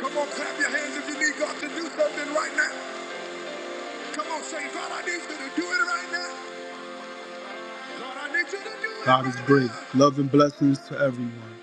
[SPEAKER 3] Come on, clap your hands if you need God to do something right now. Come on, say, God, I need you to do it right now. God, I need you to do it right now. God is right great. Love and blessings to everyone.